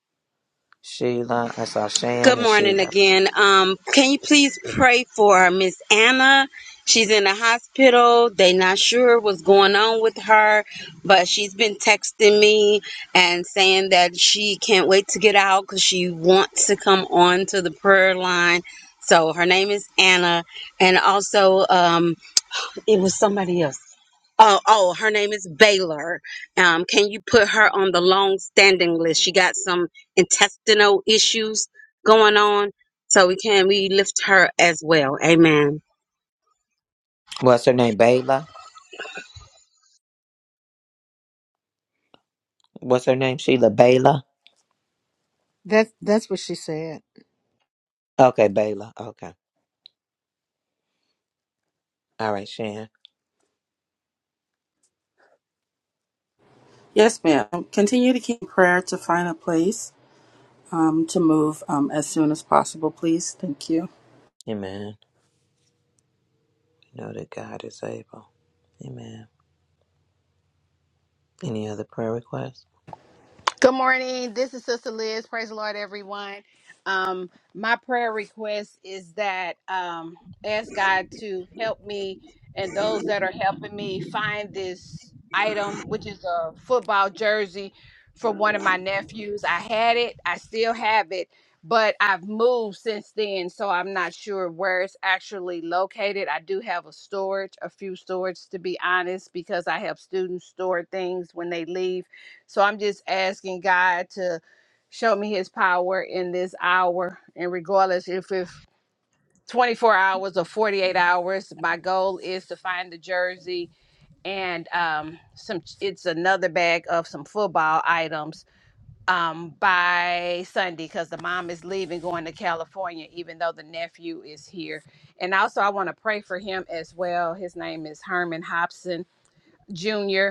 Speaker 3: Sheila. I saw Shan
Speaker 10: Good
Speaker 3: and
Speaker 10: morning
Speaker 3: Sheila.
Speaker 10: again. Um, can you please pray for Miss Anna? She's in the hospital. They not sure what's going on with her, but she's been texting me and saying that she can't wait to get out because she wants to come on to the prayer line. So her name is Anna, and also um, It was somebody else. Oh, oh, her name is Baylor. Um, can you put her on the long-standing list? She got some intestinal issues going on, so we can we lift her as well. Amen.
Speaker 3: What's her name? Bayla. What's her name? Sheila Bayla.
Speaker 1: That's that's what she said.
Speaker 3: Okay, Bayla. Okay. All right, Shan.
Speaker 5: Yes, ma'am. Continue to keep prayer to find a place um, to move um, as soon as possible, please. Thank you.
Speaker 3: Amen. Know that God is able. Amen. Any other prayer requests?
Speaker 16: Good morning. This is Sister Liz. Praise the Lord, everyone. Um, my prayer request is that um, ask God to help me and those that are helping me find this item, which is a football jersey from one of my nephews. I had it, I still have it, but I've moved since then, so I'm not sure where it's actually located. I do have a storage, a few storage to be honest, because I help students store things when they leave so I'm just asking God to show me his power in this hour. And regardless if it's 24 hours or 48 hours, my goal is to find the jersey and um, some it's another bag of some football items um, by Sunday because the mom is leaving going to California, even though the nephew is here. And also I want to pray for him as well. His name is Herman Hobson Jr.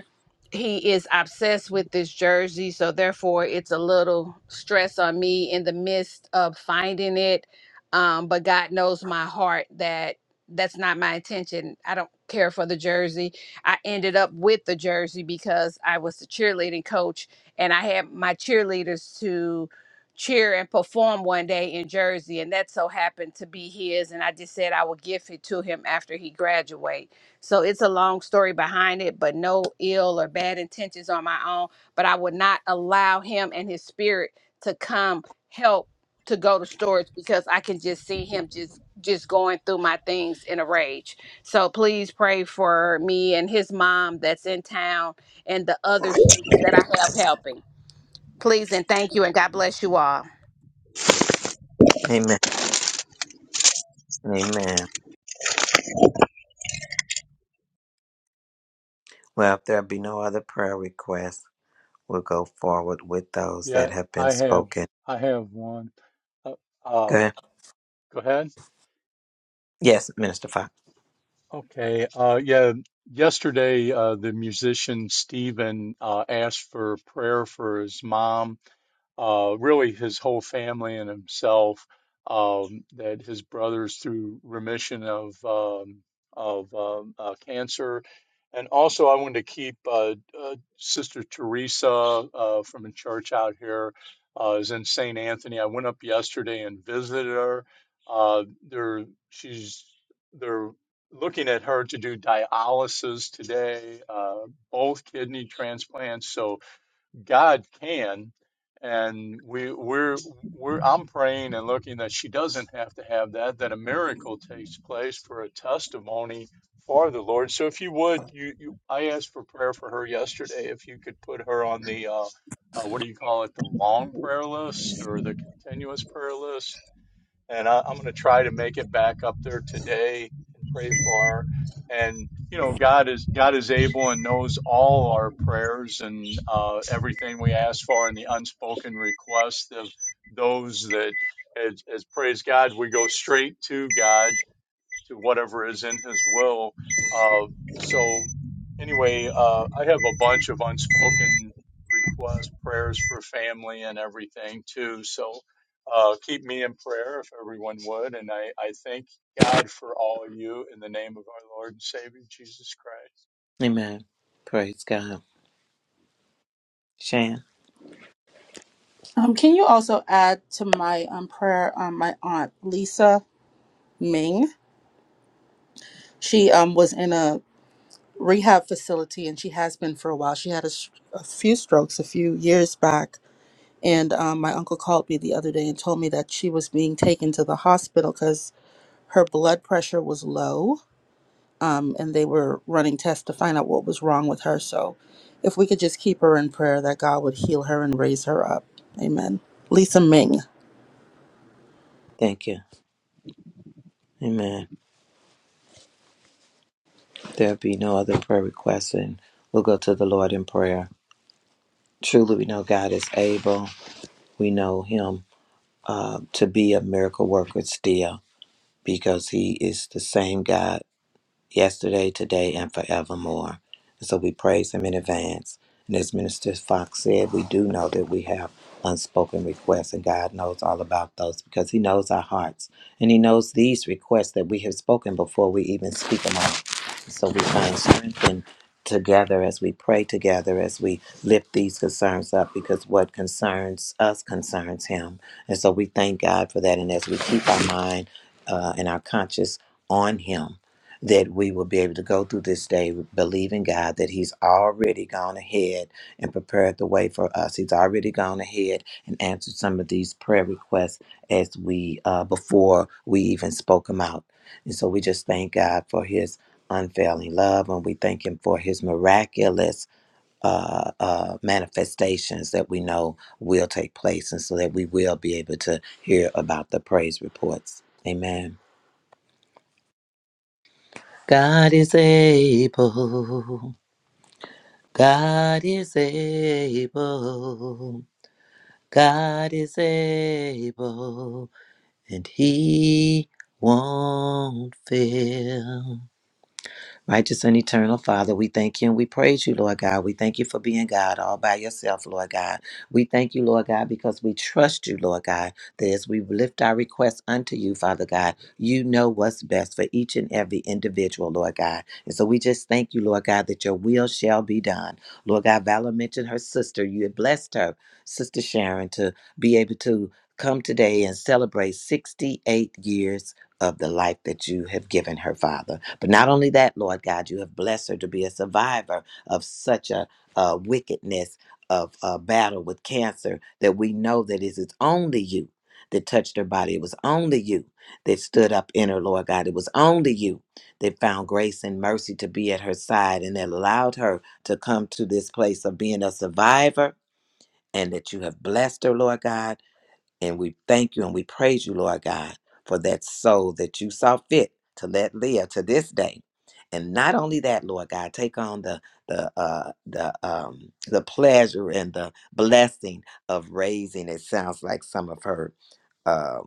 Speaker 16: He is obsessed with this jersey, so therefore it's a little stress on me in the midst of finding it. Um, but God knows my heart that that's not my intention. I don't care for the jersey. I ended up with the jersey because I was the cheerleading coach and I had my cheerleaders to cheer and perform one day in Jersey, and that so happened to be his. And I just said I would give it to him after he graduates so it's a long story behind it, but no ill or bad intentions on my own. But I would not allow him and his spirit to come help to go to storage because I can just see him just just going through my things in a rage. So please pray for me and his mom that's in town and the other students that I have helping. Please and thank you and God bless you all.
Speaker 3: Amen. Amen. Well, if there be no other prayer requests, we'll go forward with those
Speaker 6: yeah
Speaker 3: that have been
Speaker 6: i have
Speaker 3: spoken.
Speaker 6: i have one uh,
Speaker 3: Go
Speaker 6: um
Speaker 3: ahead.
Speaker 6: go ahead
Speaker 3: Yes, Minister Fox.
Speaker 6: Okay. Uh, yeah. Yesterday, uh, the musician Stephen uh, asked for prayer for his mom uh, really his whole family and himself, um, that his brothers through remission of um, of um, uh, cancer, and also I wanted to keep uh, uh, Sister Teresa uh, from a church out here uh, is in St. Anthony. I went up yesterday and visited her. Uh, they're she's they're looking at her to do dialysis today, uh, both kidney transplants. So God can, and we we're we're I'm praying and looking that she doesn't have to have that, that a miracle takes place for a testimony for the Lord. So if you would, you, you I asked for prayer for her yesterday. If you could put her on the uh, uh, what do you call it, the long prayer list or the continuous prayer list and I, I'm going to try to make it back up there today and pray for her. And you know, God is God is able and knows all our prayers and uh, everything we ask for, and the unspoken requests of those that, as, as praise God, we go straight to God to whatever is in his will. Uh, so, anyway, uh, I have a bunch of unspoken requests, prayers for family and everything too. So, uh, keep me in prayer if everyone would. And I, I thank God for all of you in the name of our Lord and Savior Jesus Christ.
Speaker 3: Amen. Praise God. Shan,
Speaker 5: Um, can you also add to my um, prayer um, my aunt Lisa Ming? She um, was in a rehab facility and she has been for a while. She had a, s- a few strokes a few years back. And um, my uncle called me the other day and told me that she was being taken to the hospital because her blood pressure was low um, and they were running tests to find out what was wrong with her. So if we could just keep her in prayer that God would heal her and raise her up. Amen. Lisa Ming.
Speaker 3: thank you. Amen. There be no other prayer requests, and we'll go to the Lord in prayer. Truly, we know God is able. We know Him uh, to be a miracle worker still because He is the same God yesterday, today, and forevermore. And so we praise him in advance. And as Minister Fox said, we do know that we have unspoken requests, and God knows all about those because he knows our hearts. And he knows these requests that we have spoken before we even speak them out. So we find strength in together as we pray together as we lift these concerns up because what concerns us concerns him and so we thank god for that and as we keep our mind uh, and our conscience on him that we will be able to go through this day believing God that He's already gone ahead and prepared the way for us. He's already gone ahead and answered some of these prayer requests as we uh, before we even spoke them out. And so we just thank God for His unfailing love, and we thank Him for His miraculous. Uh, uh, manifestations that we know will take place, and so that we will be able to hear about the praise reports. Amen. God is able. God is able. God is able. And he won't fail. Righteous and eternal Father, we thank you and we praise you, Lord God. We thank you for being God all by yourself, Lord God. We thank you, Lord God, because we trust you, Lord God, that as we lift our requests unto you, Father God, you know what's best for each and every individual, Lord God. And so we just thank you, Lord God, that your will shall be done. Lord God, Valor mentioned her sister. You had blessed her, Sister Sharon, to be able to come today and celebrate 68 years of the life that you have given her, Father. But not only that, Lord God, you have blessed her to be a survivor of such a, uh wickedness of a battle with cancer that we know that it is only you that touched her body. It was only you that stood up in her, Lord God. It was only you that found grace and mercy to be at her side and that allowed her to come to this place of being a survivor. And that you have blessed her, Lord God and we thank you and we praise you, Lord God, for that soul that you saw fit to let live to this day. And not only that, Lord God, take on the the uh, the um, the pleasure and the blessing of raising. It sounds like some of her Um,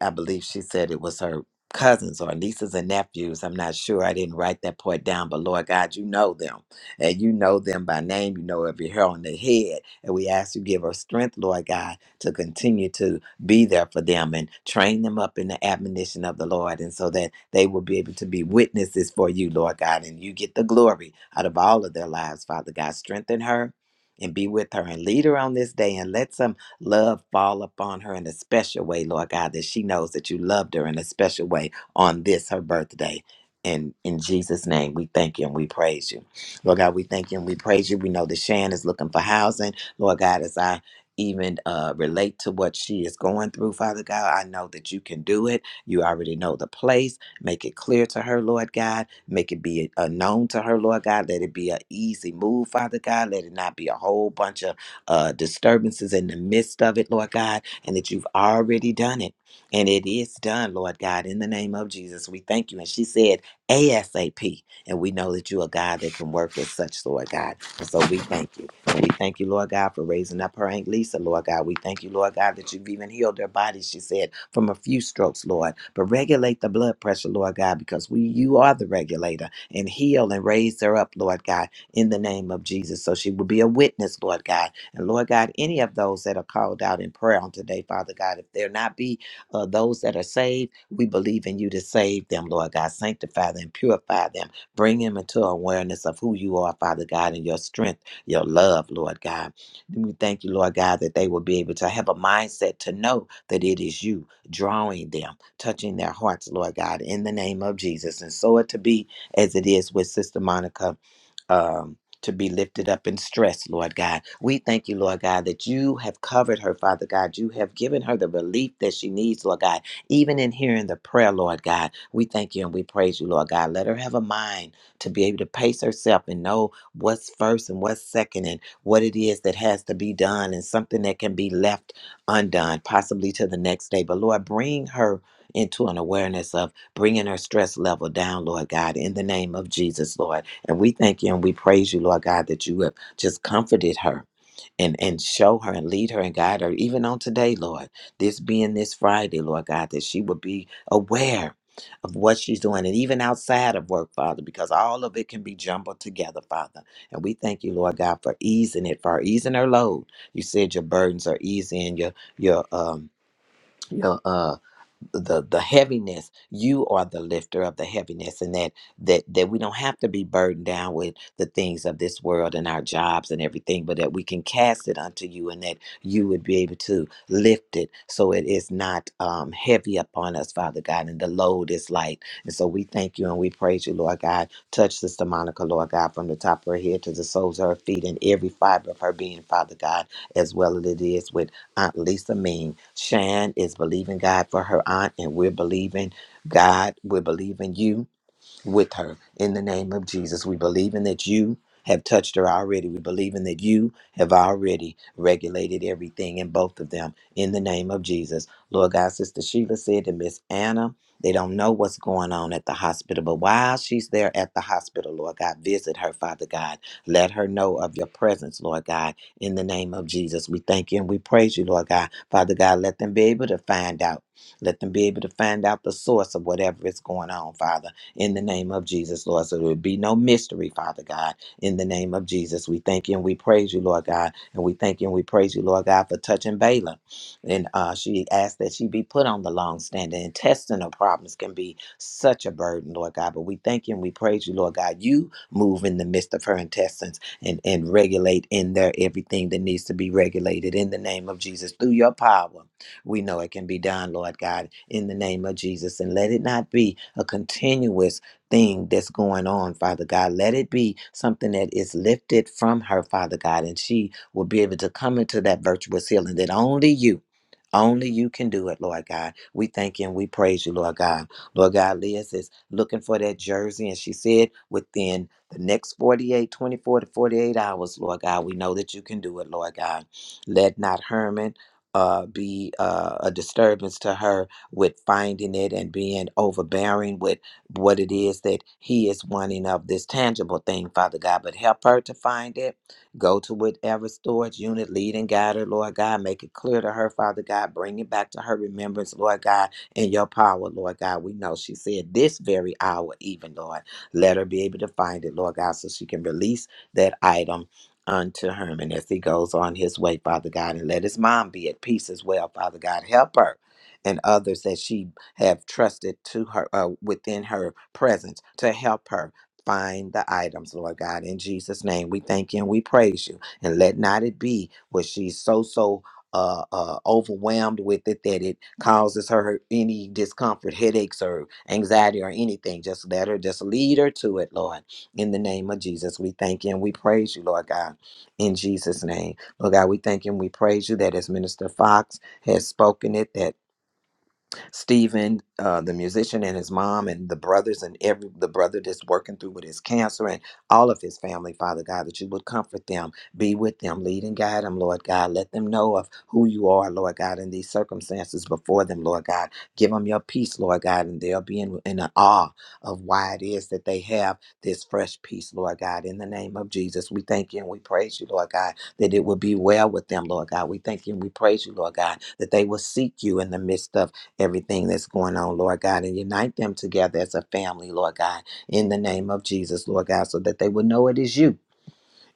Speaker 3: I believe she said it was her cousins or nieces and nephews. I'm not sure. I didn't write that part down, but Lord God, you know them. And you know them by name. You know every hair on their head. And we ask you give her strength, Lord God, to continue to be there for them and train them up in the admonition of the Lord. And so that they will be able to be witnesses for you, Lord God. And you get the glory out of all of their lives, Father God. Strengthen her. And be with her and lead her on this day and let somebody love fall upon her in a special way, Lord God, that she knows that you loved her in a special way on this, her birthday. And in Jesus' name, we thank you and we praise you. Lord God, we thank you and we praise you. We know that Shan is looking for housing. Lord God, as I even uh, relate to what she is going through, Father God, I know that you can do it. You already know the place. Make it clear to her, Lord God. Make it be uh, known to her, Lord God. Let it be an easy move, Father God. Let it not be a whole bunch of uh, disturbances in the midst of it, Lord God, and that you've already done it. And it is done, Lord God, in the name of Jesus. We thank you. And she said, ASAP. And we know that you are God that can work as such, Lord God. And so we thank you. And we thank you, Lord God, for raising up her Aunt Lisa, Lord God. We thank you, Lord God, that you've even healed her body, she said, from a few strokes, Lord. But regulate the blood pressure, Lord God, because we you are the regulator. And heal and raise her up, Lord God, in the name of Jesus. So she will be a witness, Lord God, and Lord God, any of those that are called out in prayer on today, Father God, if there not be uh, those that are saved, we believe in you to save them, Lord God. Sanctify them, purify them, bring them into awareness of who you are, Father God, and your strength, your love, Lord God. We thank you, Lord God, that they will be able to have a mindset to know that it is you drawing them, touching their hearts, Lord God, in the name of Jesus. And so it to be as it is with Sister Monica. Um, to be lifted up in stress, Lord God. We thank you, Lord God, that you have covered her, Father God. You have given her the relief that she needs, Lord God, even in hearing the prayer, Lord God. We thank you and we praise you, Lord God. Let her have a mind to be able to pace herself and know what's first and what's second and what it is that has to be done and something that can be left undone, possibly to the next day. But Lord, bring her into an awareness of bringing her stress level down, Lord God, in the name of Jesus, Lord. And we thank you and we praise you, Lord God, that you have just comforted her and, and show her and lead her and guide her, even on today, Lord. This being this Friday, Lord God, that she will be aware of what she's doing and even outside of work, Father, because all of it can be jumbled together, Father. And we thank you, Lord God, for easing it, for easing her load. You said your burdens are easy and your your um your uh the the heaviness you are the lifter of the heaviness and that that that we don't have to be burdened down with the things of this world and our jobs and everything but that we can cast it unto you and that you would be able to lift it so it is not um, heavy upon us father god and the load is light and so we thank you and we praise you lord god touch sister monica lord god from the top of her head to the soles of her feet and every fiber of her being father god as well as it is with Aunt Lisa mean. Shan is believing God for her aunt, and we're believing God. We're believing you with her in the name of Jesus. We believe in that you have touched her already. We believe in that you have already regulated everything in both of them in the name of Jesus. Lord God, Sister Sheila said to Miss Anna, they don't know what's going on at the hospital, but while she's there at the hospital, Lord God, visit her, Father God. Let her know of your presence, Lord God, in the name of Jesus. We thank you and we praise you, Lord God. Father God, let them be able to find out. Let them be able to find out the source of whatever is going on, Father in the name of Jesus, Lord. So there would be no mystery, Father God, in the name of Jesus. We thank you and we praise you, Lord God. And we thank you and we praise you, Lord God, for touching Balaam. And uh, she asked that she be put on the long standing. Intestinal problems can be such a burden, Lord God. But we thank you and we praise you, Lord God. You move in the midst of her intestines and, and regulate in there everything that needs to be regulated in the name of Jesus through your power we know it can be done, Lord God, in the name of Jesus. And let it not be a continuous thing that's going on, Father God. Let it be something that is lifted from her, Father God, and she will be able to come into that virtuous healing that only you. Only you can do it, Lord God. We thank you and we praise you, Lord God. Lord God, Liz is looking for that jersey, and she said within the next 48, 24 to 48 hours, Lord God, we know that you can do it, Lord God. Let not Herman uh, be uh, a disturbance to her with finding it and being overbearing with what it is that he is wanting of this tangible thing, Father God. But help her to find it. Go to whatever storage unit, lead and guide her, Lord God. Make it clear to her, Father God. Bring it back to her remembrance, Lord God, in your power, Lord God. We know she said this very hour, even, Lord. Let her be able to find it, Lord God, so she can release that item unto him and as he goes on his way, Father God, and let his mom be at peace as well, Father God. Help her and others that she have trusted to her uh, within her presence to help her find the items, Lord God. In Jesus' name, we thank you and we praise you. And let not it be where she's so so. Uh, uh, overwhelmed with it that it causes her any discomfort, headaches, or anxiety, or anything. Just let her, just lead her to it, Lord. In the name of Jesus, we thank you and we praise you, Lord God in Jesus' name. Lord God, we thank you and we praise you that as Minister Fox has spoken it, that Stephen, uh, the musician, and his mom, and the brothers, and every the brother that's working through with his cancer, and all of his family, Father God, that you would comfort them, be with them, lead and guide them, Lord God. Let them know of who you are, Lord God, in these circumstances before them, Lord God. Give them your peace, Lord God, and they'll be in, in awe of why it is that they have this fresh peace, Lord God. In the name of Jesus, we thank you and we praise you, Lord God, that it will be well with them, Lord God. We thank you and we praise you, Lord God, that they will seek you in the midst of everything that's going on, Lord God, and unite them together as a family, Lord God, in the name of Jesus, Lord God, so that they will know it is you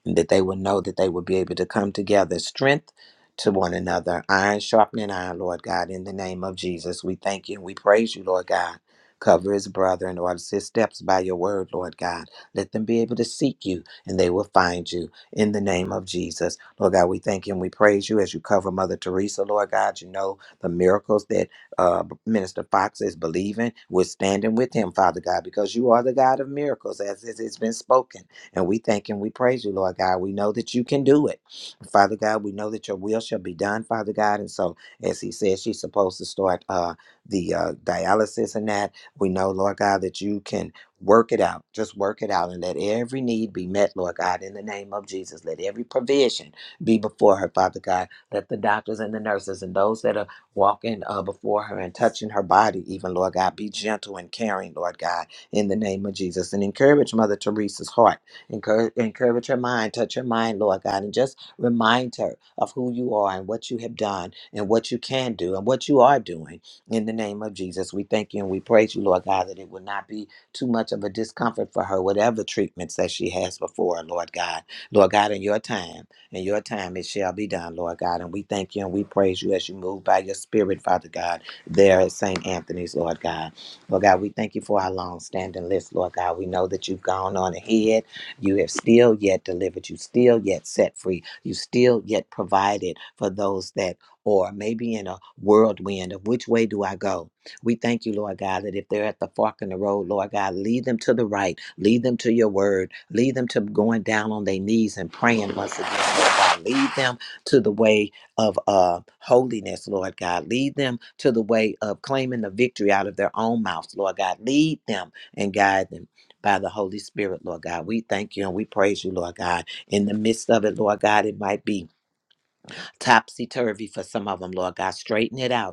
Speaker 3: and that they would know that they would be able to come together, strength to one another, iron sharpening iron, Lord God, in the name of Jesus. We thank you and we praise you, Lord God. Cover his brother and all his steps by your word, Lord God. Let them be able to seek you and they will find you in the name of Jesus. Lord God, we thank you and we praise you as you cover Mother Teresa, Lord God. You know the miracles that uh, Minister Fox is believing. We're standing with him, Father God, because you are the God of miracles, as it has been spoken. And we thank and we praise you, Lord God. We know that you can do it. Father God, we know that your will shall be done, Father God. And so, as he said, she's supposed to start uh, the uh, dialysis and that. We know, Lord God, that you can work it out. Just work it out and let every need be met, Lord God, in the name of Jesus. Let every provision be before her, Father God. Let the doctors and the nurses and those that are walking uh, before her and touching her body, even, Lord God, be gentle and caring, Lord God, in the name of Jesus. And encourage Mother Teresa's heart. Encourage, encourage her mind, touch her mind, Lord God, and just remind her of who you are and what you have done and what you can do and what you are doing. In the name of Jesus, we thank you and we praise you, Lord God, that it will not be too much of a discomfort for her, whatever treatments that she has before her, Lord God. Lord God, in your time, in your time, it shall be done, Lord God. And we thank you and we praise you as you move by your spirit, Father God, there at St. Anthony's, Lord God. Lord God, we thank you for our long standing list, Lord God. We know that you've gone on ahead. You have still yet delivered. You still yet set free. You still yet provided for those that or maybe in a whirlwind of which way do I go? We thank you, Lord God, that if they're at the fork in the road, Lord God, lead them to the right, lead them to your word, lead them to going down on their knees and praying once again, Lord God. Lead them to the way of uh, holiness, Lord God. Lead them to the way of claiming the victory out of their own mouths, Lord God. Lead them and guide them by the Holy Spirit, Lord God. We thank you and we praise you, Lord God. In the midst of it, Lord God, it might be topsy turvy for some of them, Lord God. Straighten it out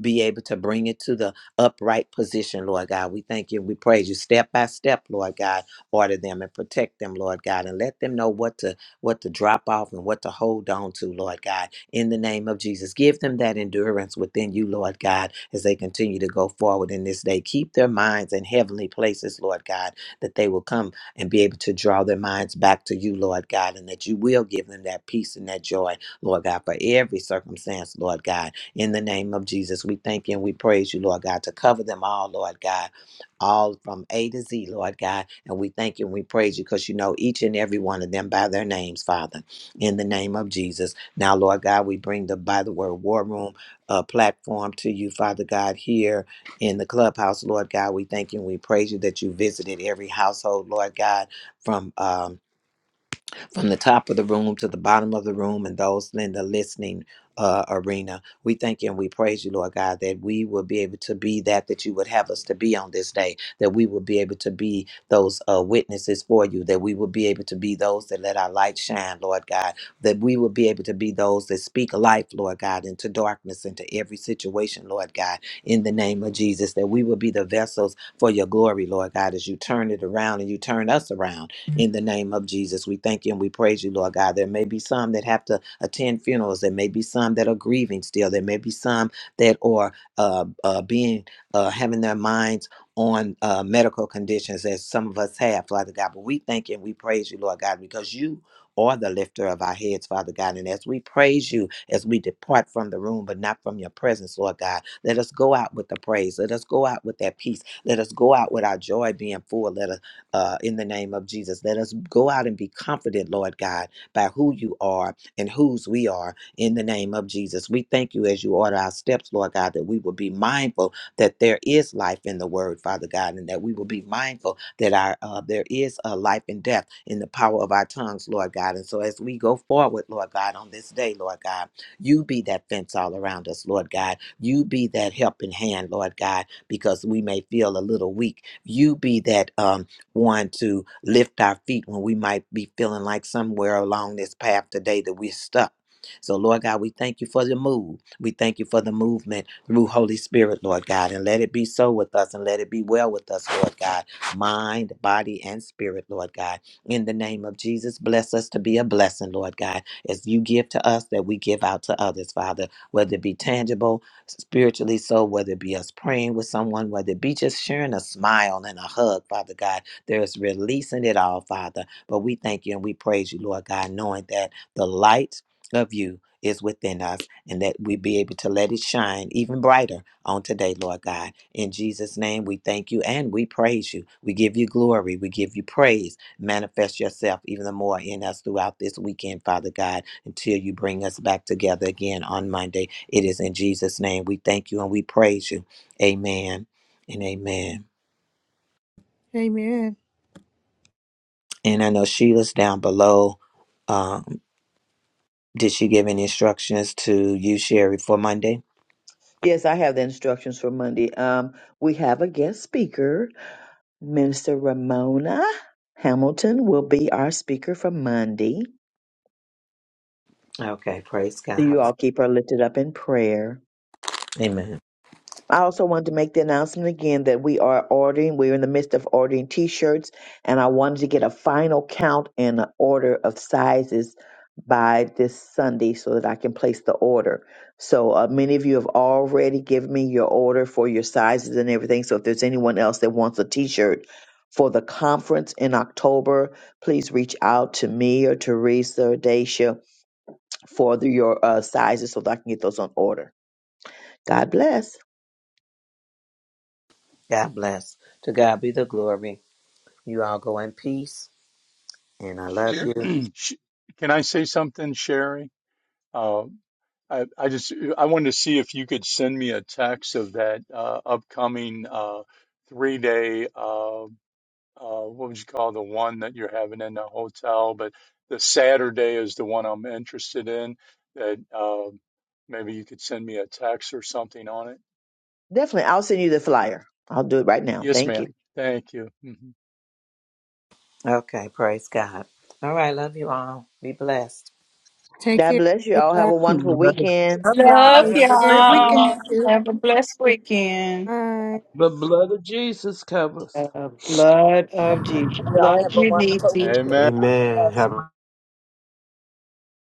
Speaker 3: be able to bring it to the upright position, Lord God. We thank you. We praise you step by step, Lord God. Order them and protect them, Lord God, and let them know what to what to drop off and what to hold on to, Lord God. In the name of Jesus, give them that endurance within you, Lord God, as they continue to go forward in this day. Keep their minds in heavenly places, Lord God, that they will come and be able to draw their minds back to you, Lord God, and that you will give them that peace and that joy, Lord God, for every circumstance, Lord God in the name of Jesus. We thank you and we praise you, Lord God, to cover them all, Lord God, all from A to Z, Lord God. And we thank you and we praise you because you know each and every one of them by their names, Father, in the name of Jesus. Now, Lord God, we bring the By the Word War Room uh, platform to you, Father God, here in the clubhouse, Lord God. We thank you and we praise you that you visited every household, Lord God, from. Um, from the top of the room to the bottom of the room and those in the listening uh, arena. We thank you and we praise you, Lord God, that we will be able to be that that you would have us to be on this day, that we will be able to be those uh, witnesses for you, that we will be able to be those that let our light shine, Lord God, that we will be able to be those that speak life, Lord God, into darkness, into every situation, Lord God, in the name of Jesus, that we will be the vessels for your glory, Lord God, as you turn it around and you turn us around in the name of Jesus. We thank you and we praise you, Lord God. There may be some that have to attend funerals. There may be some that are grieving still. There may be some that are uh, uh, being uh, having their minds on uh, medical conditions, as some of us have, Father God. But we thank you and we praise you, Lord God, because you are the lifter of our heads, Father God. And as we praise you, as we depart from the room, but not from your presence, Lord God, let us go out with the praise. Let us go out with that peace. Let us go out with our joy being full. Let us uh, in the name of Jesus. Let us go out and be confident, Lord God, by who you are and whose we are in the name of Jesus. We thank you as you order our steps, Lord God, that we will be mindful that there is life in the word, Father God, and that we will be mindful that our uh, there is a life and death in the power of our tongues, Lord God. And so as we go forward, Lord God, on this day, Lord God, you be that fence all around us, Lord God. You be that helping hand, Lord God, because we may feel a little weak. You be that. Um, one to lift our feet when we might be feeling like somewhere along this path today that we're stuck. So, Lord God, we thank you for the move. We thank you for the movement through Holy Spirit, Lord God. And let it be so with us and let it be well with us, Lord God. Mind, body, and spirit, Lord God. In the name of Jesus, bless us to be a blessing, Lord God. As you give to us, that we give out to others, Father, whether it be tangible, spiritually so, whether it be us praying with someone, whether it be just sharing a smile and a hug, Father God. There's releasing it all, Father. But we thank you and we praise you, Lord God, knowing that the light of you is within us and that we be able to let it shine even brighter on today, Lord God. In Jesus' name, we thank you and we praise you. We give you glory. We give you praise. Manifest yourself even the more in us throughout this weekend, Father God, until you bring us back together again on Monday. It is in Jesus' name. We thank you and we praise you. Amen and amen.
Speaker 1: Amen.
Speaker 3: And I know Sheila's down below. Um, did she give any instructions to you, Sherry, for Monday?
Speaker 2: Yes, I have the instructions for Monday. Um, we have a guest speaker. Minister Ramona Hamilton will be our speaker for Monday.
Speaker 3: Okay, praise
Speaker 2: So
Speaker 3: God.
Speaker 2: you all keep her lifted up in prayer.
Speaker 3: Amen.
Speaker 2: I also wanted to make the announcement again that we are ordering, we're in the midst of ordering t shirts, and I wanted to get a final count and an order of sizes by this Sunday so that I can place the order. So uh, many of you have already given me your order for your sizes and everything. So if there's anyone else that wants a t shirt for the conference in October, please reach out to me or Teresa or Dacia for the, your uh, sizes so that I can get those on order. God bless.
Speaker 3: God bless. To God be the glory. You all go in peace, and I love you.
Speaker 6: Sher- Can I say something, Sherry? Uh, I, I just I wanted to see if you could send me a text of that uh, upcoming uh, three day. uh, uh, what would you call the one that you're having in the hotel? But the Saturday is the one I'm interested in. That uh, maybe you could send me a text or something on it.
Speaker 2: Definitely. I'll send you the flyer. I'll do it right now.
Speaker 6: Yes,
Speaker 2: Thank you.
Speaker 6: ma'am. Thank you. hmm
Speaker 3: Okay, praise God. All right, love you all. Be blessed.
Speaker 1: Take
Speaker 2: God
Speaker 1: care,
Speaker 2: bless you all. Have a
Speaker 1: everybody.
Speaker 17: The
Speaker 2: wonderful
Speaker 17: blood,
Speaker 2: weekend.
Speaker 4: Love y'all.
Speaker 12: Love
Speaker 4: Have
Speaker 1: Take
Speaker 4: a great
Speaker 1: care.
Speaker 4: weekend.
Speaker 12: y'all. Have a blessed weekend.
Speaker 1: Bye.
Speaker 17: The blood of Jesus covers.
Speaker 12: The blood of Jesus.
Speaker 8: Y'all
Speaker 12: Love
Speaker 8: have a
Speaker 12: you,
Speaker 8: wonderful
Speaker 12: Niecy.
Speaker 8: weekend.
Speaker 6: Amen.
Speaker 8: God
Speaker 14: Amen.
Speaker 8: bless.
Speaker 14: Have a